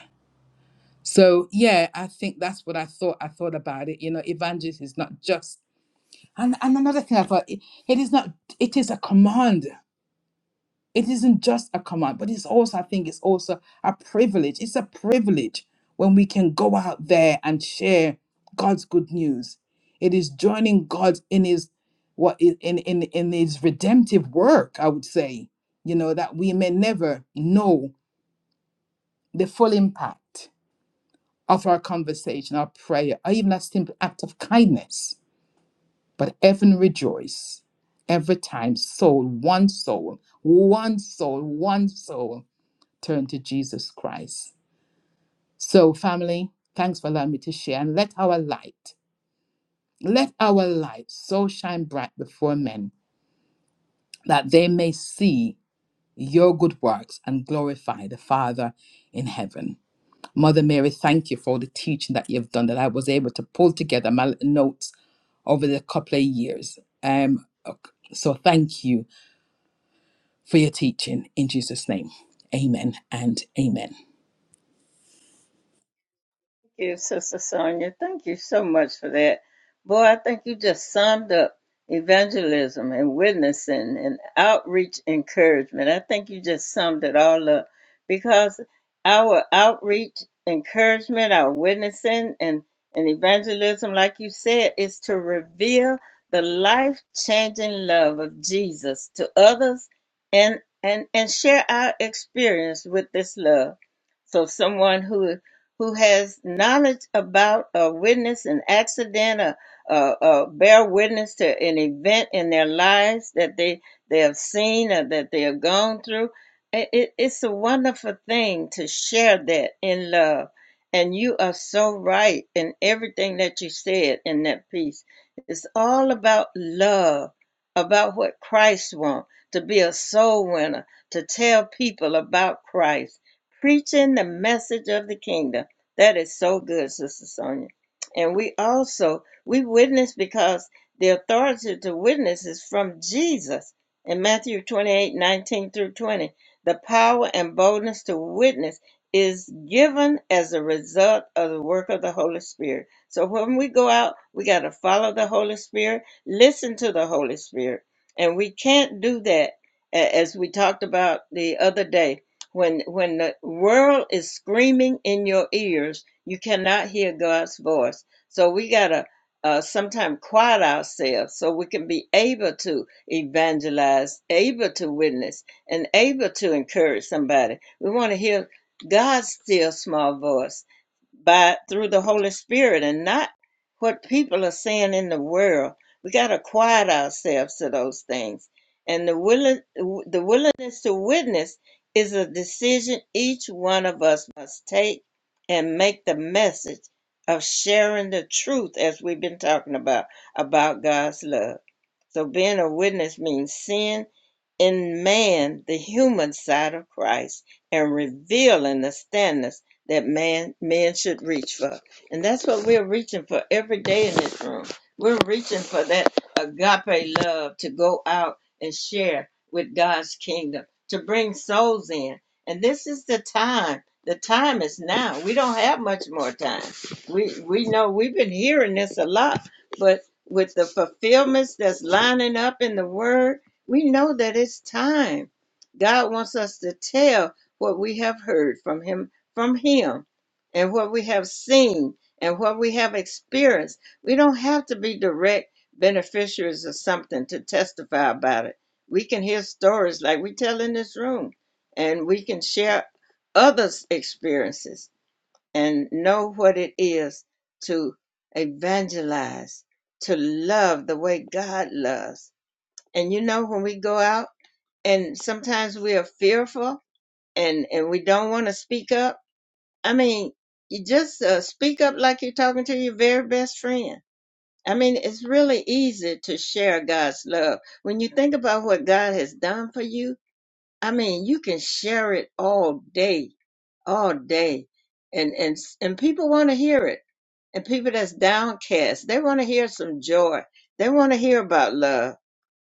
[SPEAKER 7] So yeah, I think that's what I thought. I thought about it. You know, evangelism is not just And and another thing I thought it, it is not it is a command. It isn't just a command, but it's also I think it's also a privilege. It's a privilege when we can go out there and share God's good news. It is joining God in his what in in in his redemptive work, I would say, you know, that we may never know the full impact of our conversation, our prayer, or even a simple act of kindness But heaven rejoiced every time soul, one soul, one soul, one soul turned to Jesus Christ. So, family, thanks for allowing me to share. And let our light, let our light so shine bright before men that they may see your good works and glorify the Father in heaven. Mother Mary, thank you for all the teaching that you've done that I was able to pull together my little notes over the couple of years. Um, ok, so thank you for your teaching in Jesus' name. Amen and amen.
[SPEAKER 1] Thank you, Sister Sonia. Thank you so much for that. Boy, I think you just summed up evangelism and witnessing and outreach encouragement. I think you just summed it all up because our outreach encouragement, our witnessing and, and evangelism, like you said, is to reveal the life changing love of Jesus to others and and and share our experience with this love. So someone who who has knowledge about a witness, an accident, a, a, a bear witness to an event in their lives that they they have seen or that they have gone through. It, it- it's a wonderful thing to share that in love. And you are so right in everything that you said in that piece. It's all about love, about what Christ wants, to be a soul winner, to tell people about Christ, preaching the message of the kingdom that is so good, Sister Sonia. And we also we witness because the authority to witness is from Jesus in Matthew 28:19 through 20. The power and boldness to witness is given as a result of the work of the Holy Spirit. So when we go out, we got to follow the Holy Spirit, listen to the Holy Spirit. And we can't do that a- as we talked about the other day when when the world is screaming in your ears, you cannot hear God's voice. So we gotta uh, sometimes quiet ourselves so we can be able to evangelize, able to witness, and able to encourage somebody. We want to hear God's still small voice by through the Holy Spirit and not what people are saying in the world. We got to quiet ourselves to those things. And the willing, the willingness to witness is a decision each one of us must take and make the message of sharing the truth as we've been talking about about God's love. So being a witness means seeing in man the human side of Christ and revealing the standards that man men should reach for. And that's what we're reaching for every day in this room. We're reaching for that agape love to go out and share with God's kingdom, to bring souls in. And this is the time. The time is now. We don't have much more time. We we know we've been hearing this a lot, but with the fulfillments that's lining up in the word we know that it's time. God wants us to tell what we have heard from him from him and what we have seen and what we have experienced. We don't have to be direct beneficiaries of something to testify about it. We can hear stories like we tell in this room and we can share others' experiences and know what it is to evangelize, to love the way God loves and you know, when we go out and sometimes we are fearful and, and we don't want to speak up. I mean, you just uh, speak up like you're talking to your very best friend. I mean, it's really easy to share God's love. When you think about what God has done for you, I mean, you can share it all day, all day. And, and, and people want to hear it. And people that's downcast, they want to hear some joy. They want to hear about love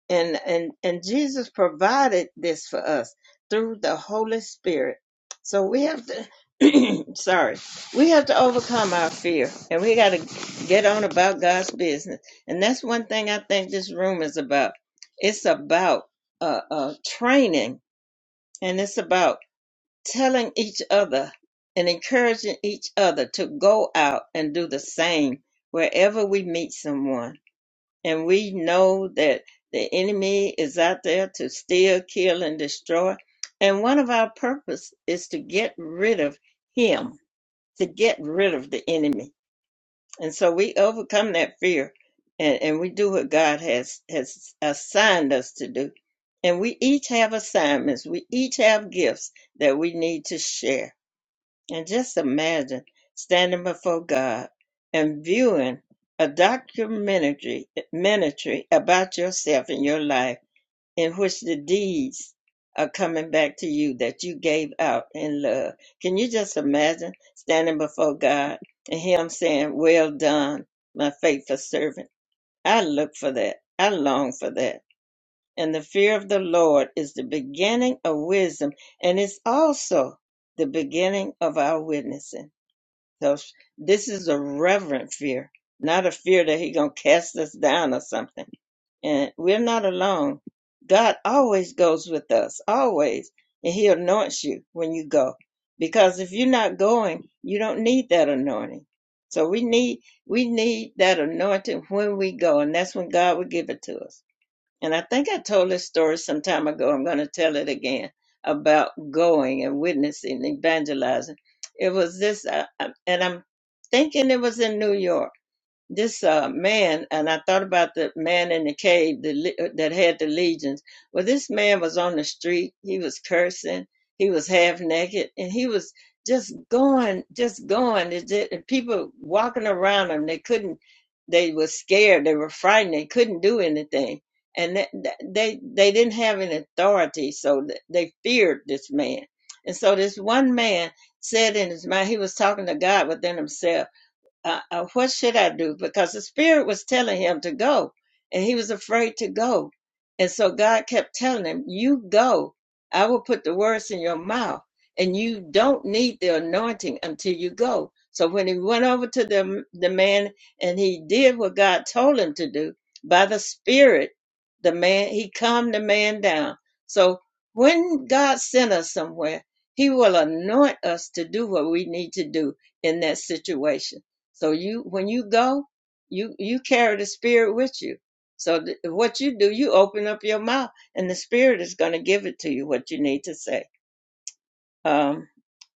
[SPEAKER 1] and and and Jesus provided this for us through the Holy Spirit. So we have to sorry, we have to overcome our fear, and we got to get on about God's business. And that's one thing I think this room is about. It's about uh, uh, training, and it's about telling each other and encouraging each other to go out and do the same wherever we meet someone and we know that the enemy is out there to steal, kill, and destroy. And one of our purpose is to get rid of him, to get rid of the enemy. And so we overcome that fear and, and we do what God has, has assigned us to do. And we each have assignments. We each have gifts that we need to share. And just imagine standing before God and viewing a documentary documentary about yourself and your life in which the deeds are coming back to you that you gave out in love. Can you just imagine standing before God and Him saying, Well done, my faithful servant? I look for that. I long for that. And the fear of the Lord is the beginning of wisdom, and it's also the beginning of our witnessing. So sh- this is a reverent fear, not a fear that he gonna cast us down or something. And we're not alone. God always goes with us, always, and He anoints you when you go. Because if you're not going, you don't need that anointing. So we need we need that anointing when we go, and that's when God will give it to us. And I think I told this story some time ago. I'm going to tell it again about going and witnessing, evangelizing. It was this, uh, uh, and I'm thinking it was in New York this uh, man, and I thought about the man in the cave that, that had the legions. Well, this man was on the street. He was cursing. He was half naked, and he was just going, just going. It did- and people walking around him. They couldn't. They were scared. They were frightened. They couldn't do anything, and that, that- they they didn't have any authority, so th- they feared this man. And so this one man said in his mind, he was talking to God within himself uh, uh, what should I do? Because the Spirit was telling him to go, and he was afraid to go. And so God kept telling him, You go. I will put the words in your mouth, and you don't need the anointing until you go. So when he went over to the, the man and he did what God told him to do by the Spirit, the man, he calmed the man down. So when God sent us somewhere, he will anoint us to do what we need to do in that situation. So you, when you go, you you carry the spirit with you. So th- what you do, you open up your mouth, and the spirit is going to give it to you what you need to say. Um,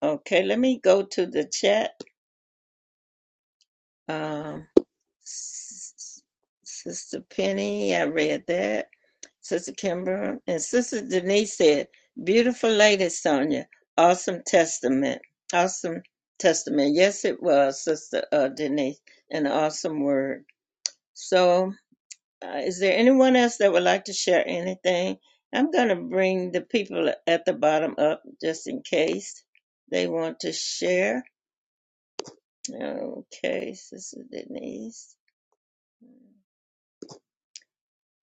[SPEAKER 1] okay, let me go to the chat. Um, S- Sister Penny, I read that. Sister Kimber and Sister Denise said, "Beautiful lady, Sonia. Awesome testament. Awesome testament. Yes, it was, Sister uh, Denise. An awesome word. So." Uh, is there anyone else that would like to share anything? I'm going to bring the people at the bottom up just in case they want to share. Okay, Sister Denise,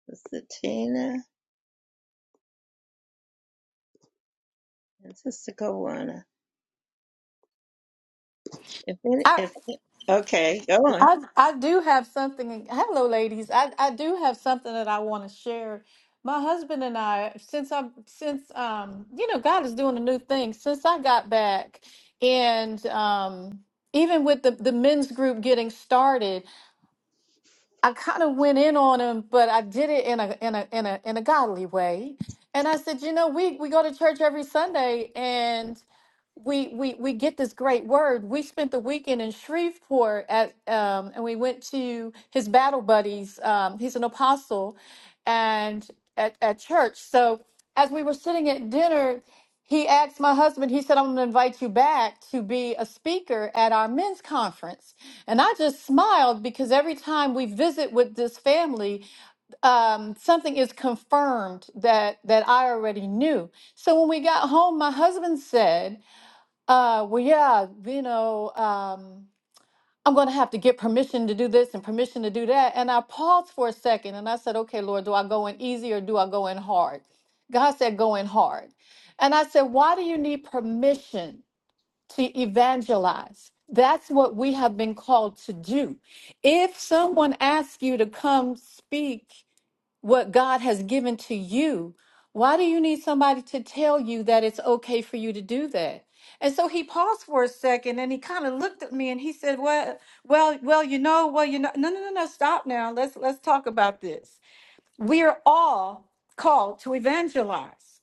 [SPEAKER 1] Sister Tina, and Sister Kawana. If any,
[SPEAKER 8] I,
[SPEAKER 1] if okay, go on.
[SPEAKER 8] I I do have something. Hello, ladies. I, I do have something that I want to share. My husband and I, since I'm since um you know God is doing a new thing. Since I got back, and um even with the the men's group getting started, I kind of went in on him, but I did it in a in a in a in a godly way. And I said, you know, we we go to church every Sunday, and we we we get this great word. We spent the weekend in Shreveport at um, and we went to his battle buddies. Um, he's an apostle, and at at church. So as we were sitting at dinner, he asked my husband. He said, "I'm going to invite you back to be a speaker at our men's conference." And I just smiled because every time we visit with this family, um, something is confirmed that that I already knew. So when we got home, my husband said. Uh, well, yeah, you know, um, I'm going to have to get permission to do this and permission to do that. And I paused for a second and I said, okay, Lord, do I go in easy or do I go in hard? God said, go in hard. And I said, why do you need permission to evangelize? That's what we have been called to do. If someone asks you to come speak, what God has given to you. Why do you need somebody to tell you that it's okay for you to do that? And so he paused for a second and he kind of looked at me and he said, Well, well, well, you know, well, you know, no, no, no, no, stop now. Let's let's talk about this. We are all called to evangelize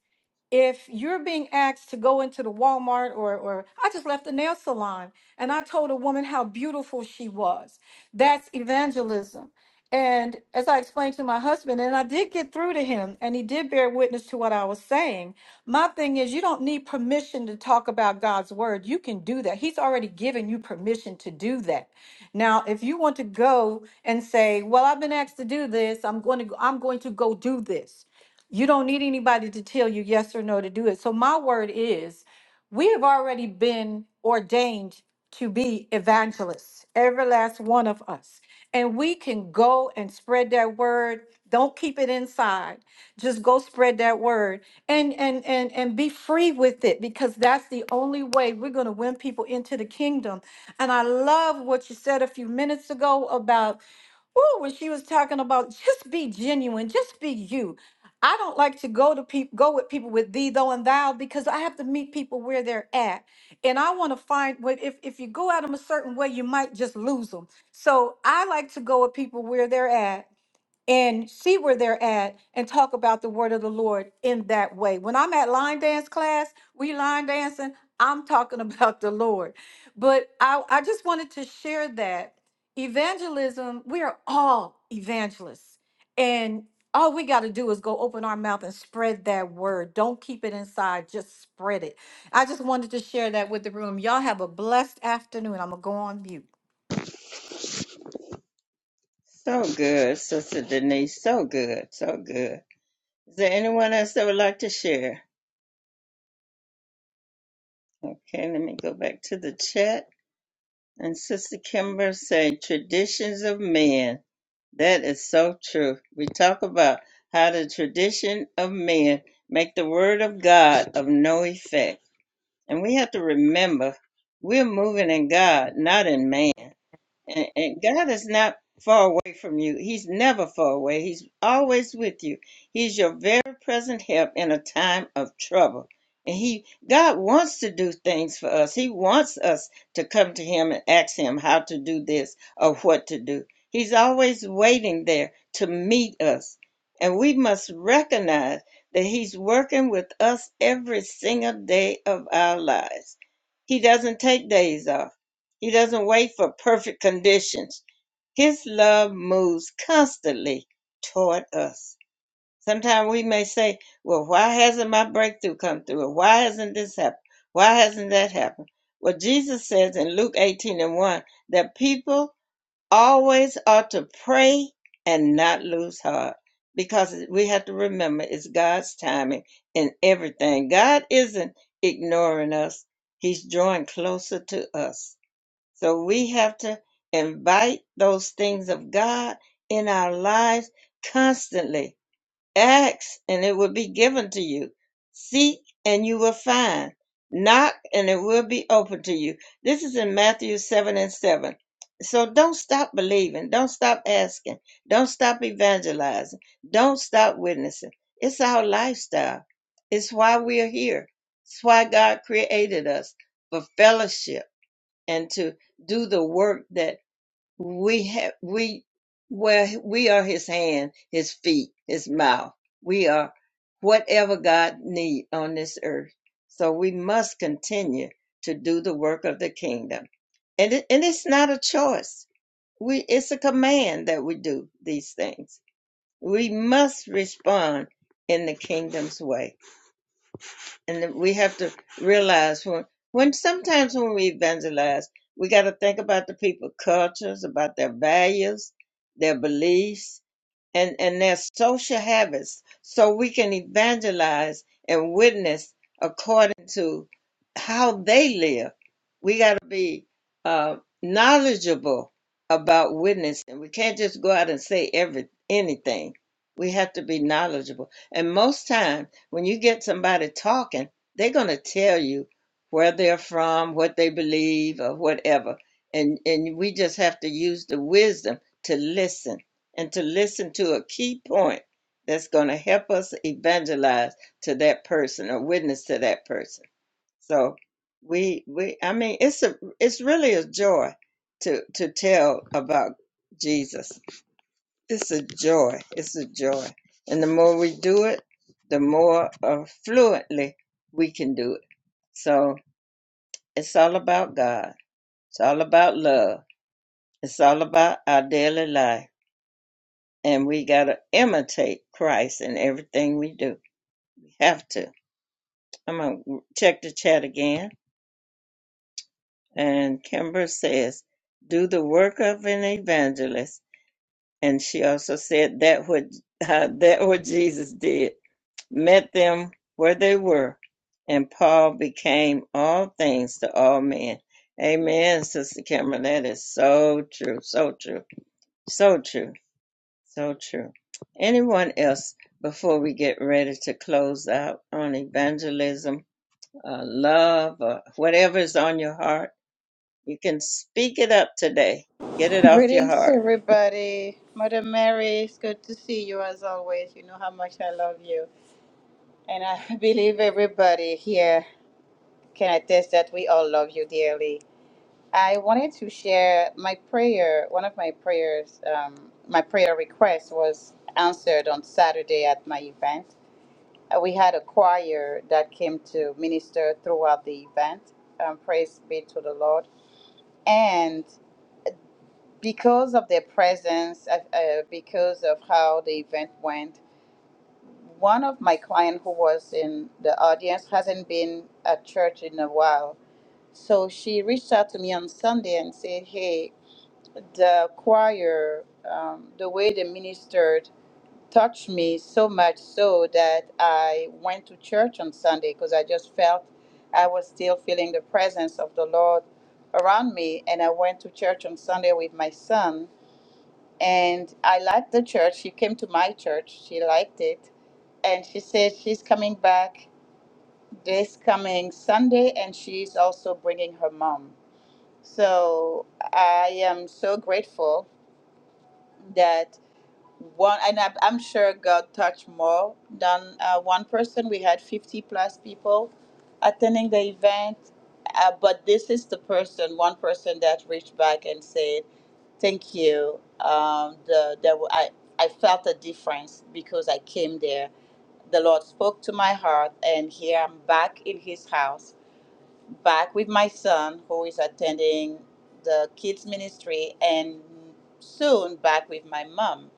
[SPEAKER 8] if you're being asked to go into the Walmart or or I just left the nail salon and I told a woman how beautiful she was. That's evangelism. And as I explained to my husband, and I did get through to him, and he did bear witness to what I was saying. My thing is, you don't need permission to talk about God's word. You can do that. He's already given you permission to do that. Now, if you want to go and say, "Well, I've been asked to do this. I'm going to. go, I'm going to go do this," You don't need anybody to tell you yes or no to do it. So my word is, we have already been ordained to be evangelists, every last one of us. And we can go and spread that word. Don't keep it inside. Just go spread that word and and and and be free with it because that's the only way we're going to win people into the kingdom. And I love what you said a few minutes ago about Oh, when she was talking about just be genuine, just be you. I don't like to go to people go with people with thee, though, and thou, because I have to meet people where they're at. And I want to find what if, if you go at them a certain way, you might just lose them. So I like to go with people where they're at and see where they're at and talk about the word of the Lord in that way. When I'm at line dance class, we line dancing, I'm talking about the Lord. But I, I just wanted to share that evangelism, we are all evangelists. And all we got to do is go open our mouth and spread that word. Don't keep it inside, just spread it. I just wanted to share that with the room. Y'all have a blessed afternoon. I'm going to go on mute.
[SPEAKER 1] So good, Sister Denise. So good, so good. Is there anyone else that would like to share? Okay, let me go back to the chat. And Sister Kimber said, "Traditions of men." That is so true. We talk about how the tradition of men make the word of God of no effect. And we have to remember we're moving in God, not in man. And, and God is not far away from you. He's never far away. He's always with you. He's your very present help in a time of trouble. And he God wants to do things for us. He wants us to come to him and ask him how to do this or what to do. He's always waiting there to meet us. And we must recognize that he's working with us every single day of our lives. He doesn't take days off. He doesn't wait for perfect conditions. His love moves constantly toward us. Sometimes we may say, Well, why hasn't my breakthrough come through? Or why hasn't this happened? Why hasn't that happened? Well, Jesus says in Luke 18 and 1 that people always ought to pray and not lose heart because we have to remember it's God's timing in everything. God isn't ignoring us, He's drawing closer to us. So we have to invite those things of God in our lives constantly. Ask and it will be given to you. Seek and you will find. Knock and it will be open to you. This is in Matthew 7 and 7. So don't stop believing. Don't stop asking. Don't stop evangelizing. Don't stop witnessing. It's our lifestyle. It's why we are here. It's why God created us for fellowship and to do the work that we have we well we are his hand his feet his mouth we are whatever god need on this earth so we must continue to do the work of the kingdom and it, and it's not a choice we it's a command that we do these things we must respond in the kingdom's way and we have to realize when, when sometimes when we evangelize, we got to think about the people' cultures, about their values, their beliefs, and and their social habits, so we can evangelize and witness according to how they live. We got to be uh, knowledgeable about witnessing. We can't just go out and say every anything. We have to be knowledgeable, and most times when you get somebody talking, they're going to tell you where they're from, what they believe, or whatever. And, and we just have to use the wisdom to listen and to listen to a key point that's going to help us evangelize to that person or witness to that person. So we we I mean it's a it's really a joy to to tell about Jesus. It's a joy. It's a joy. And the more we do it, the more uh, fluently we can do it. So it's all about God. It's all about love. It's all about our daily life. And we got to imitate Christ in everything we do. We have to. I'm going to check the chat again. And Kimber says, do the work of an evangelist. And she also said that what, that what Jesus did. met them where they were, and Paul became all things to all men. Amen, Sister Cameron. That is so true, so true, so true, so true. Anyone else before we get ready to close out on evangelism, uh, love, or whatever is on your heart? You can speak it up today. Get it off your heart.
[SPEAKER 3] everybody. Mother Mary, it's good to see you as always. You know how much I love you. And I believe everybody here can attest that we all love you dearly. I wanted to share my prayer. One of my prayers, um, my prayer request was answered on Saturday at my event. Uh, we had a choir that came to minister throughout the event. Um, praise be to the Lord. And because of their presence, uh, uh, because of how the event went, one of my clients who was in the audience hasn't been at church in a while. So she reached out to me on Sunday and said, Hey, the choir, um, the way they ministered touched me so much so that I went to church on Sunday because I just felt I was still feeling the presence of the Lord around me. And I went to church on Sunday with my son. And I liked the church. She came to my church, she liked it. And she said she's coming back this coming Sunday and she's also bringing her mom. So I am so grateful that. one and I, i'm sure god touched more than uh, one person we had 50 plus people attending the event uh, but this is the person one person that reached back and said thank you um, the, the, I, I felt a difference because i came there the lord spoke to my heart and here i'm back in his house back with my son who is attending the kids ministry and soon back with my mom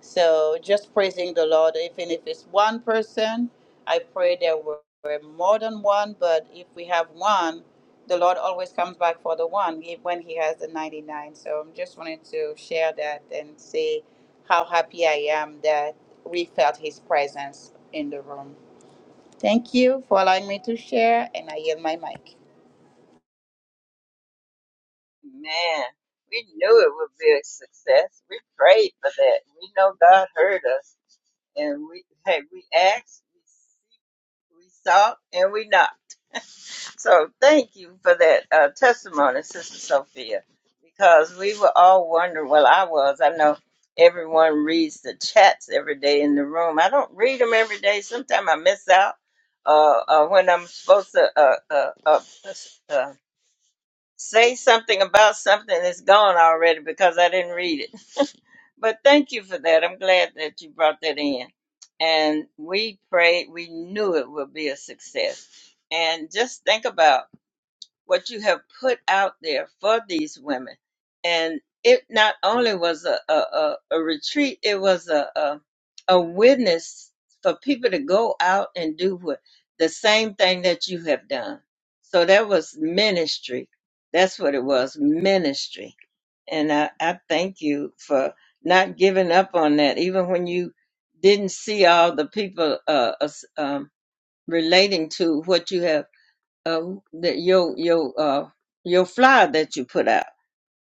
[SPEAKER 3] so just praising the lord even if it's one person i pray there were were more than one but if we have one the lord always comes back for the one if- when he has the 99 so i'm just wanted to share that and say how happy i am that we felt his presence in the room thank you for allowing me to share and i yield my mic
[SPEAKER 1] Man, we knew it would be a success. We prayed for that. We know God heard us. and we hey we ask, we seek, we sought, and we knock. So thank you for that uh, testimony, Sister Sophia, because we were all wondering. Well, I was. I know everyone reads the chats every day in the room. I don't read them every day. Sometimes I miss out. Uh, uh, when I'm supposed to uh, uh, uh, uh, say something about something, that has gone already because I didn't read it. But thank you for that. I'm glad that you brought that in. And we prayed, we knew it would be a success. And just think about what you have put out there for these women. And it not only was a, a, a, a retreat, it was a, a, a witness for people to go out and do what, the same thing that you have done. So that was ministry. That's what it was, ministry. And I, I thank you for not giving up on that, even when you didn't see all the people uh, us- um, relating to what you have uh, that your your uh your fly that you put out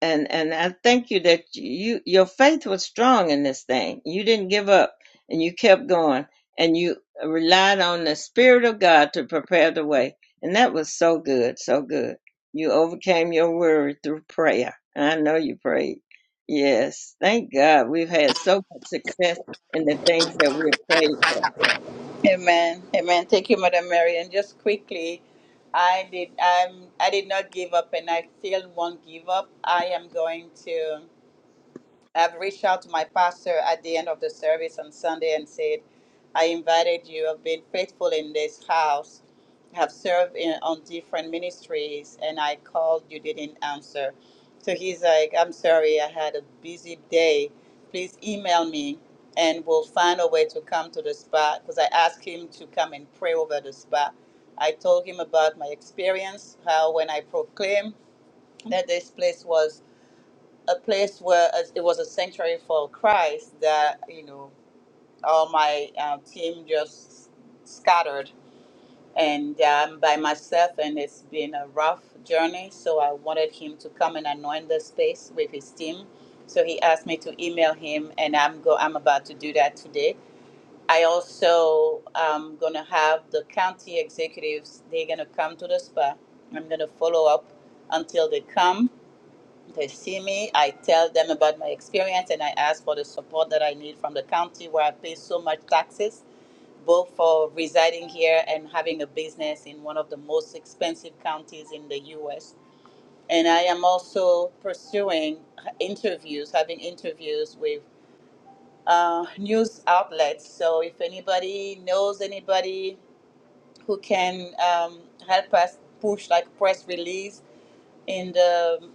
[SPEAKER 1] and and i thank you that you your faith was strong in this thing you didn't give up and you kept going and you relied on the spirit of god to prepare the way and that was so good so good you overcame your worry through prayer and i know you prayed yes thank god we've had so much success in the things that we've prayed for
[SPEAKER 3] Amen. Amen. Thank you, Mother Mary. And just quickly, I did. I'm. I did not give up, and I still won't give up. I am going to. I've reached out to my pastor at the end of the service on Sunday and said, I invited you. I've been faithful in this house, I have served in, on different ministries, and I called. You didn't answer. So he's like, I'm sorry, I had a busy day. Please email me and we'll find a way to come to the spot because I asked him to come and pray over the spot. I told him about my experience, how when I proclaimed that this place was a place where as- it was a sanctuary for Christ that, you know, all my uh, team just scattered and I'm by myself, and it's been a rough journey. So I wanted him to come and anoint the space with his team. So he asked me to email him, and I'm go. I'm about to do that today. I also am gonna have the county executives. They're gonna come to the spa. I'm gonna follow up until they come they see me, I tell them about my experience, and I ask for the support that I need from the county where I pay so much taxes, both for residing here and having a business in one of the most expensive counties in the US. And I am also pursuing interviews, having interviews with uh, news outlets. So if anybody knows anybody who can um, help us push like press release, in the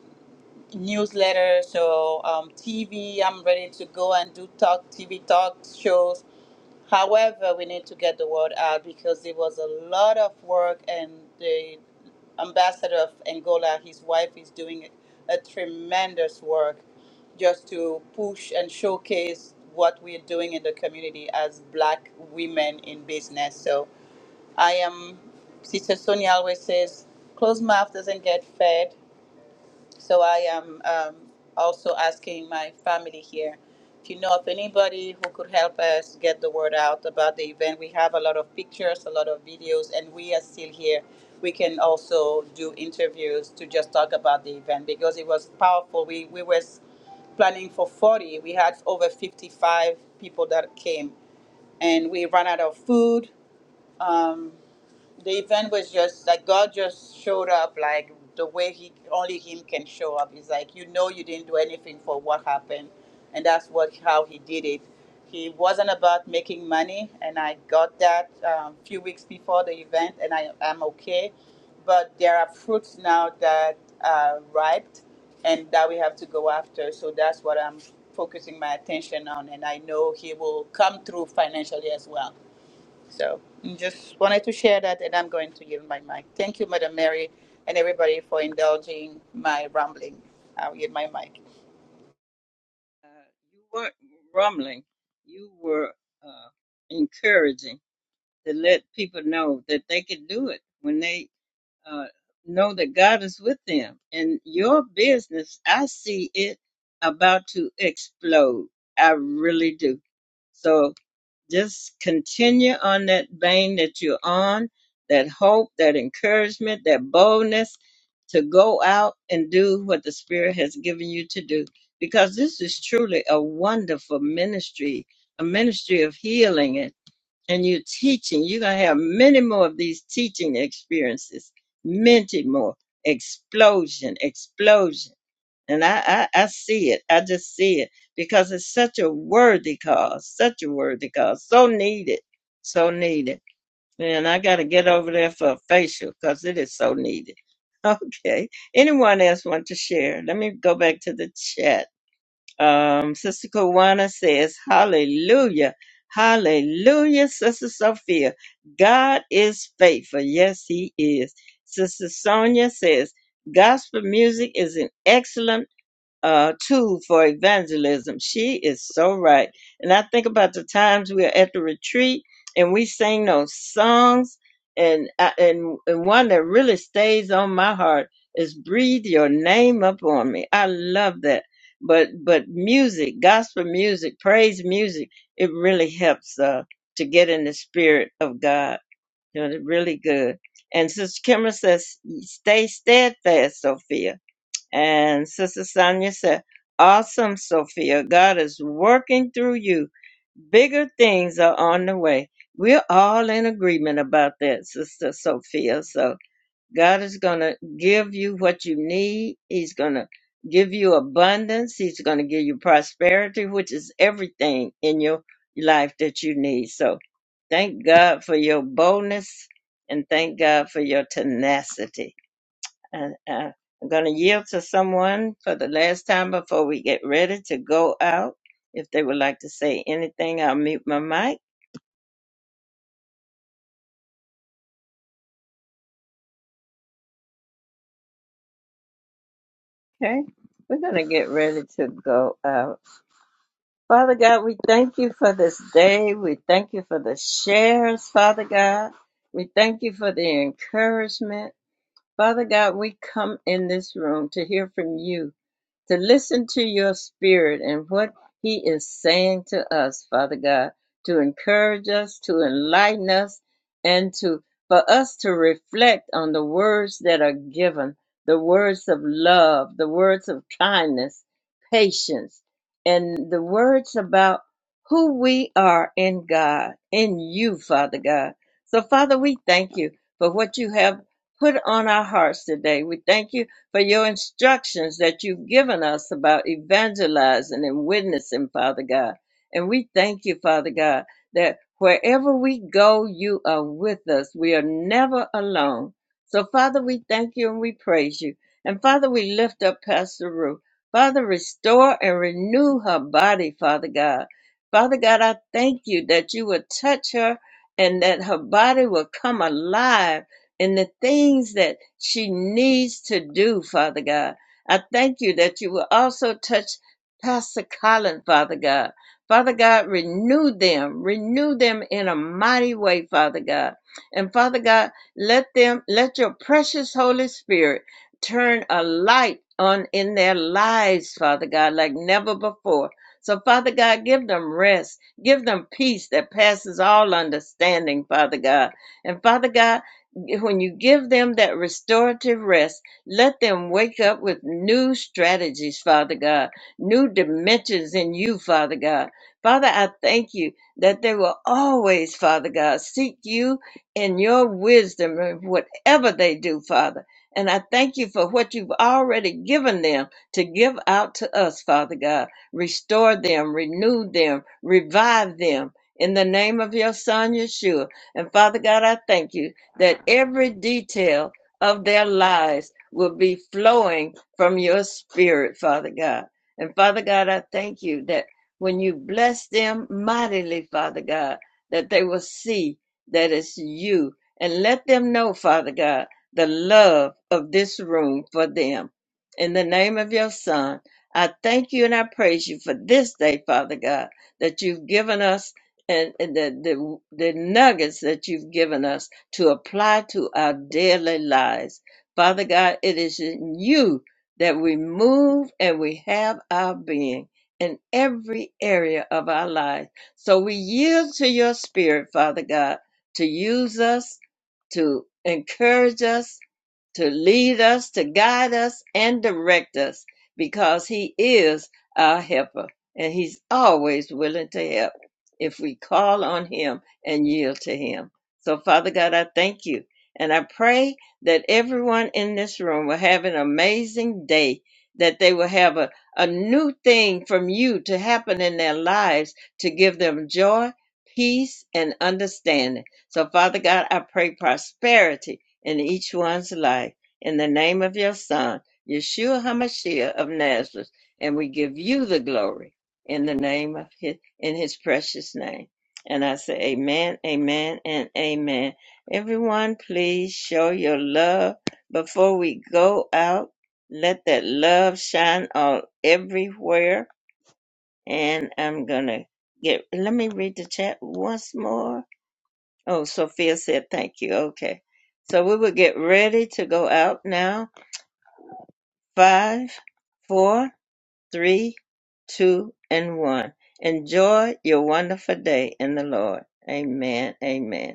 [SPEAKER 3] newsletter, so um, TV. I'm ready to go and do talk TV talk shows. However, we need to get the word out because it was a lot of work, and the ambassador of Angola, his wife, is doing a tremendous work just to push and showcase what we're doing in the community as Black women in business. So I am. Sister Sonia always says, "Close mouth doesn't get fed." So I am um, also asking my family here if you know of anybody who could help us get the word out about the event. We have a lot of pictures, a lot of videos, and we are still here. We can also do interviews to just talk about the event because it was powerful. We we were planning for 40. We had over 55 people that came, and we ran out of food. Um, the event was just like God just showed up like the way he only him can show up. It's like you know you didn't do anything for what happened and that's what how he did it. He wasn't about making money and I got that um, few weeks before the event and I am okay. But there are fruits now that are ripe and that we have to go after. So that's what I'm focusing my attention on and I know he will come through financially as well so mm, just wanted to share that, and I'm going to yield my mic. Thank you, Madam Mary, and everybody for indulging my rambling. I'll yield my mic.
[SPEAKER 1] Uh, you weren't rumbling. You were uh, encouraging to let people know that they could do it when they uh, know that God is with them. And your business, I see it about to explode. I really do. So just continue on that vein that you're on, that hope, that encouragement, that boldness to go out and do what the Spirit has given you to do. Because this is truly a wonderful ministry, a ministry of healing and, and you teaching. You're going to have many more of these teaching experiences, many more. Explosion, explosion and I, I, I see it. I just see it because it's such a worthy cause, such a worthy cause, so needed, so needed. Man, I got to get over there for a facial because it is so needed. Okay. Anyone else want to share? Let me go back to the chat. Um, Sister Kawana says, Hallelujah. Hallelujah, Sister Sophia. God is faithful. Yes, He is. Sister Sonia says, Gospel music is an excellent uh, tool for evangelism. She is so right. And I think about the times we are at the retreat and we sing those songs. And, I, and and one that really stays on my heart is "Breathe Your Name Upon Me." I love that. But but music, gospel music, praise music, it really helps uh, to get in the spirit of God. You know, they're really good. And Sister Kimmer says, "Stay steadfast, Sophia." And Sister Sonia said, Awesome, Sophia. God is working through you. Bigger things are on the way. We're all in agreement about that, Sister Sophia. So God is going to give you what you need. He's going to give you abundance. He's going to give you prosperity, which is everything in your life that you need. So thank God for your boldness and thank God for your tenacity. And uh, I'm going to yield to someone for the last time before we get ready to go out. If they would like to say anything, I'll mute my mic. Okay. We're going to get ready to go out. Father God, we thank you for this day. We thank you for the shares, Father God. We thank you for the encouragement. Father God, we come in this room to hear from you to listen to your spirit and what he is saying to us, Father God, to encourage us, to enlighten us, and to for us to reflect on the words that are given, the words of love, the words of kindness, patience, and the words about who we are in God, in you, Father God. So, Father, we thank you for what you have put on our hearts today. We thank you for your instructions that you've given us about evangelizing and witnessing, Father God. And we thank you, Father God, that wherever we go, you are with us. We are never alone. So, Father, we thank you and we praise you. And, Father, we lift up Pastor Ruth. Father, restore and renew her body, Father God. Father God, I thank you that you will touch her and that her body will come alive and the things that she needs to do, Father God. I thank you that you will also touch Pastor Colin, Father God. Father God, renew them, renew them in a mighty way, Father God. And Father God, let them, let your precious Holy Spirit turn a light on in their lives, Father God, like never before. So, Father God, give them rest. Give them peace that passes all understanding, Father God. And Father God, when you give them that restorative rest, let them wake up with new strategies, Father God, new dimensions in you, Father God. Father, I thank you that they will always, Father God, seek you in your wisdom in whatever they do, Father. And I thank you for what you've already given them to give out to us, Father God. Restore them, renew them, revive them in the name of your Son, Yeshua. And Father God, I thank you that every detail of their lives will be flowing from your spirit, Father God. And Father God, I thank you that when you bless them mightily, Father God, that they will see that it's you. And let them know, Father God, the love of this room for them. In the name of your Son, I thank you and I praise you for this day, Father God, that you've given us and, and the, the the nuggets that you've given us to apply to our daily lives. Father God, it is in you that we move and we have our being in every area of our lives. So we yield to your spirit, Father God, to use us, to encourage us, to lead us, to guide us, and direct us because He is our helper and He's always willing to help if we call on Him and yield to Him. So, Father God, I thank you. And I pray that everyone in this room will have an amazing day, that they will have a, a new thing from you to happen in their lives to give them joy, peace, and understanding. So, Father God, I pray prosperity in each one's life. In the name of your Son, Yeshua HaMashiach of Nazareth. And we give you the glory in the name of his, in his precious name. And I say, Amen, Amen, and Amen. Everyone, please show your love before we go out. Let that love shine all everywhere. And I'm gonna get. Let me read the chat once more. Oh, Sophia said thank you. Okay, so we will get ready to go out now. Five, four, three, two, and one. Enjoy your wonderful day in the Lord. Amen. Amen.